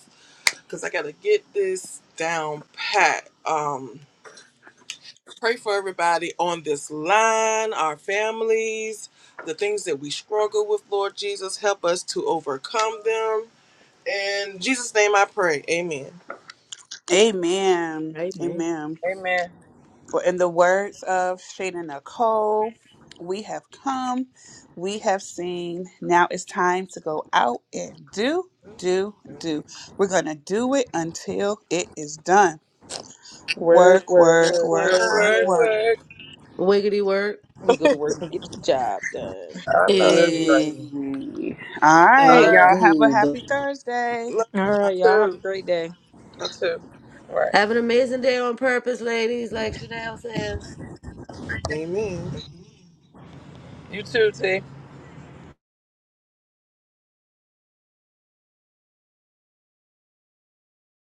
[SPEAKER 1] because I gotta get this down pat. Um, pray for everybody on this line, our families, the things that we struggle with. Lord Jesus, help us to overcome them. In Jesus' name, I pray. Amen.
[SPEAKER 3] Amen.
[SPEAKER 6] Amen.
[SPEAKER 3] Amen.
[SPEAKER 7] amen.
[SPEAKER 3] For in the words of Shana Nicole, we have come, we have seen. Now it's time to go out and do, do, do. We're going to do it until it is done.
[SPEAKER 6] Word,
[SPEAKER 3] Work,
[SPEAKER 6] word,
[SPEAKER 3] work,
[SPEAKER 6] word,
[SPEAKER 3] work,
[SPEAKER 7] Word,
[SPEAKER 6] word,
[SPEAKER 3] work,
[SPEAKER 7] word,
[SPEAKER 6] word.
[SPEAKER 3] work.
[SPEAKER 7] word.
[SPEAKER 4] Wiggity work.
[SPEAKER 6] We go to work and get the job done.
[SPEAKER 7] I know that's
[SPEAKER 3] Eh.
[SPEAKER 4] Hey,
[SPEAKER 7] right.
[SPEAKER 3] All
[SPEAKER 7] All
[SPEAKER 3] right,
[SPEAKER 4] uh,
[SPEAKER 7] right.
[SPEAKER 3] y'all have a
[SPEAKER 4] Goob.
[SPEAKER 3] happy Thursday.
[SPEAKER 6] All right, y'all have a
[SPEAKER 7] too.
[SPEAKER 6] great day.
[SPEAKER 7] You too. All right.
[SPEAKER 4] Have an amazing day on purpose, ladies, like Chanel says.
[SPEAKER 1] Amen.
[SPEAKER 7] You too, T.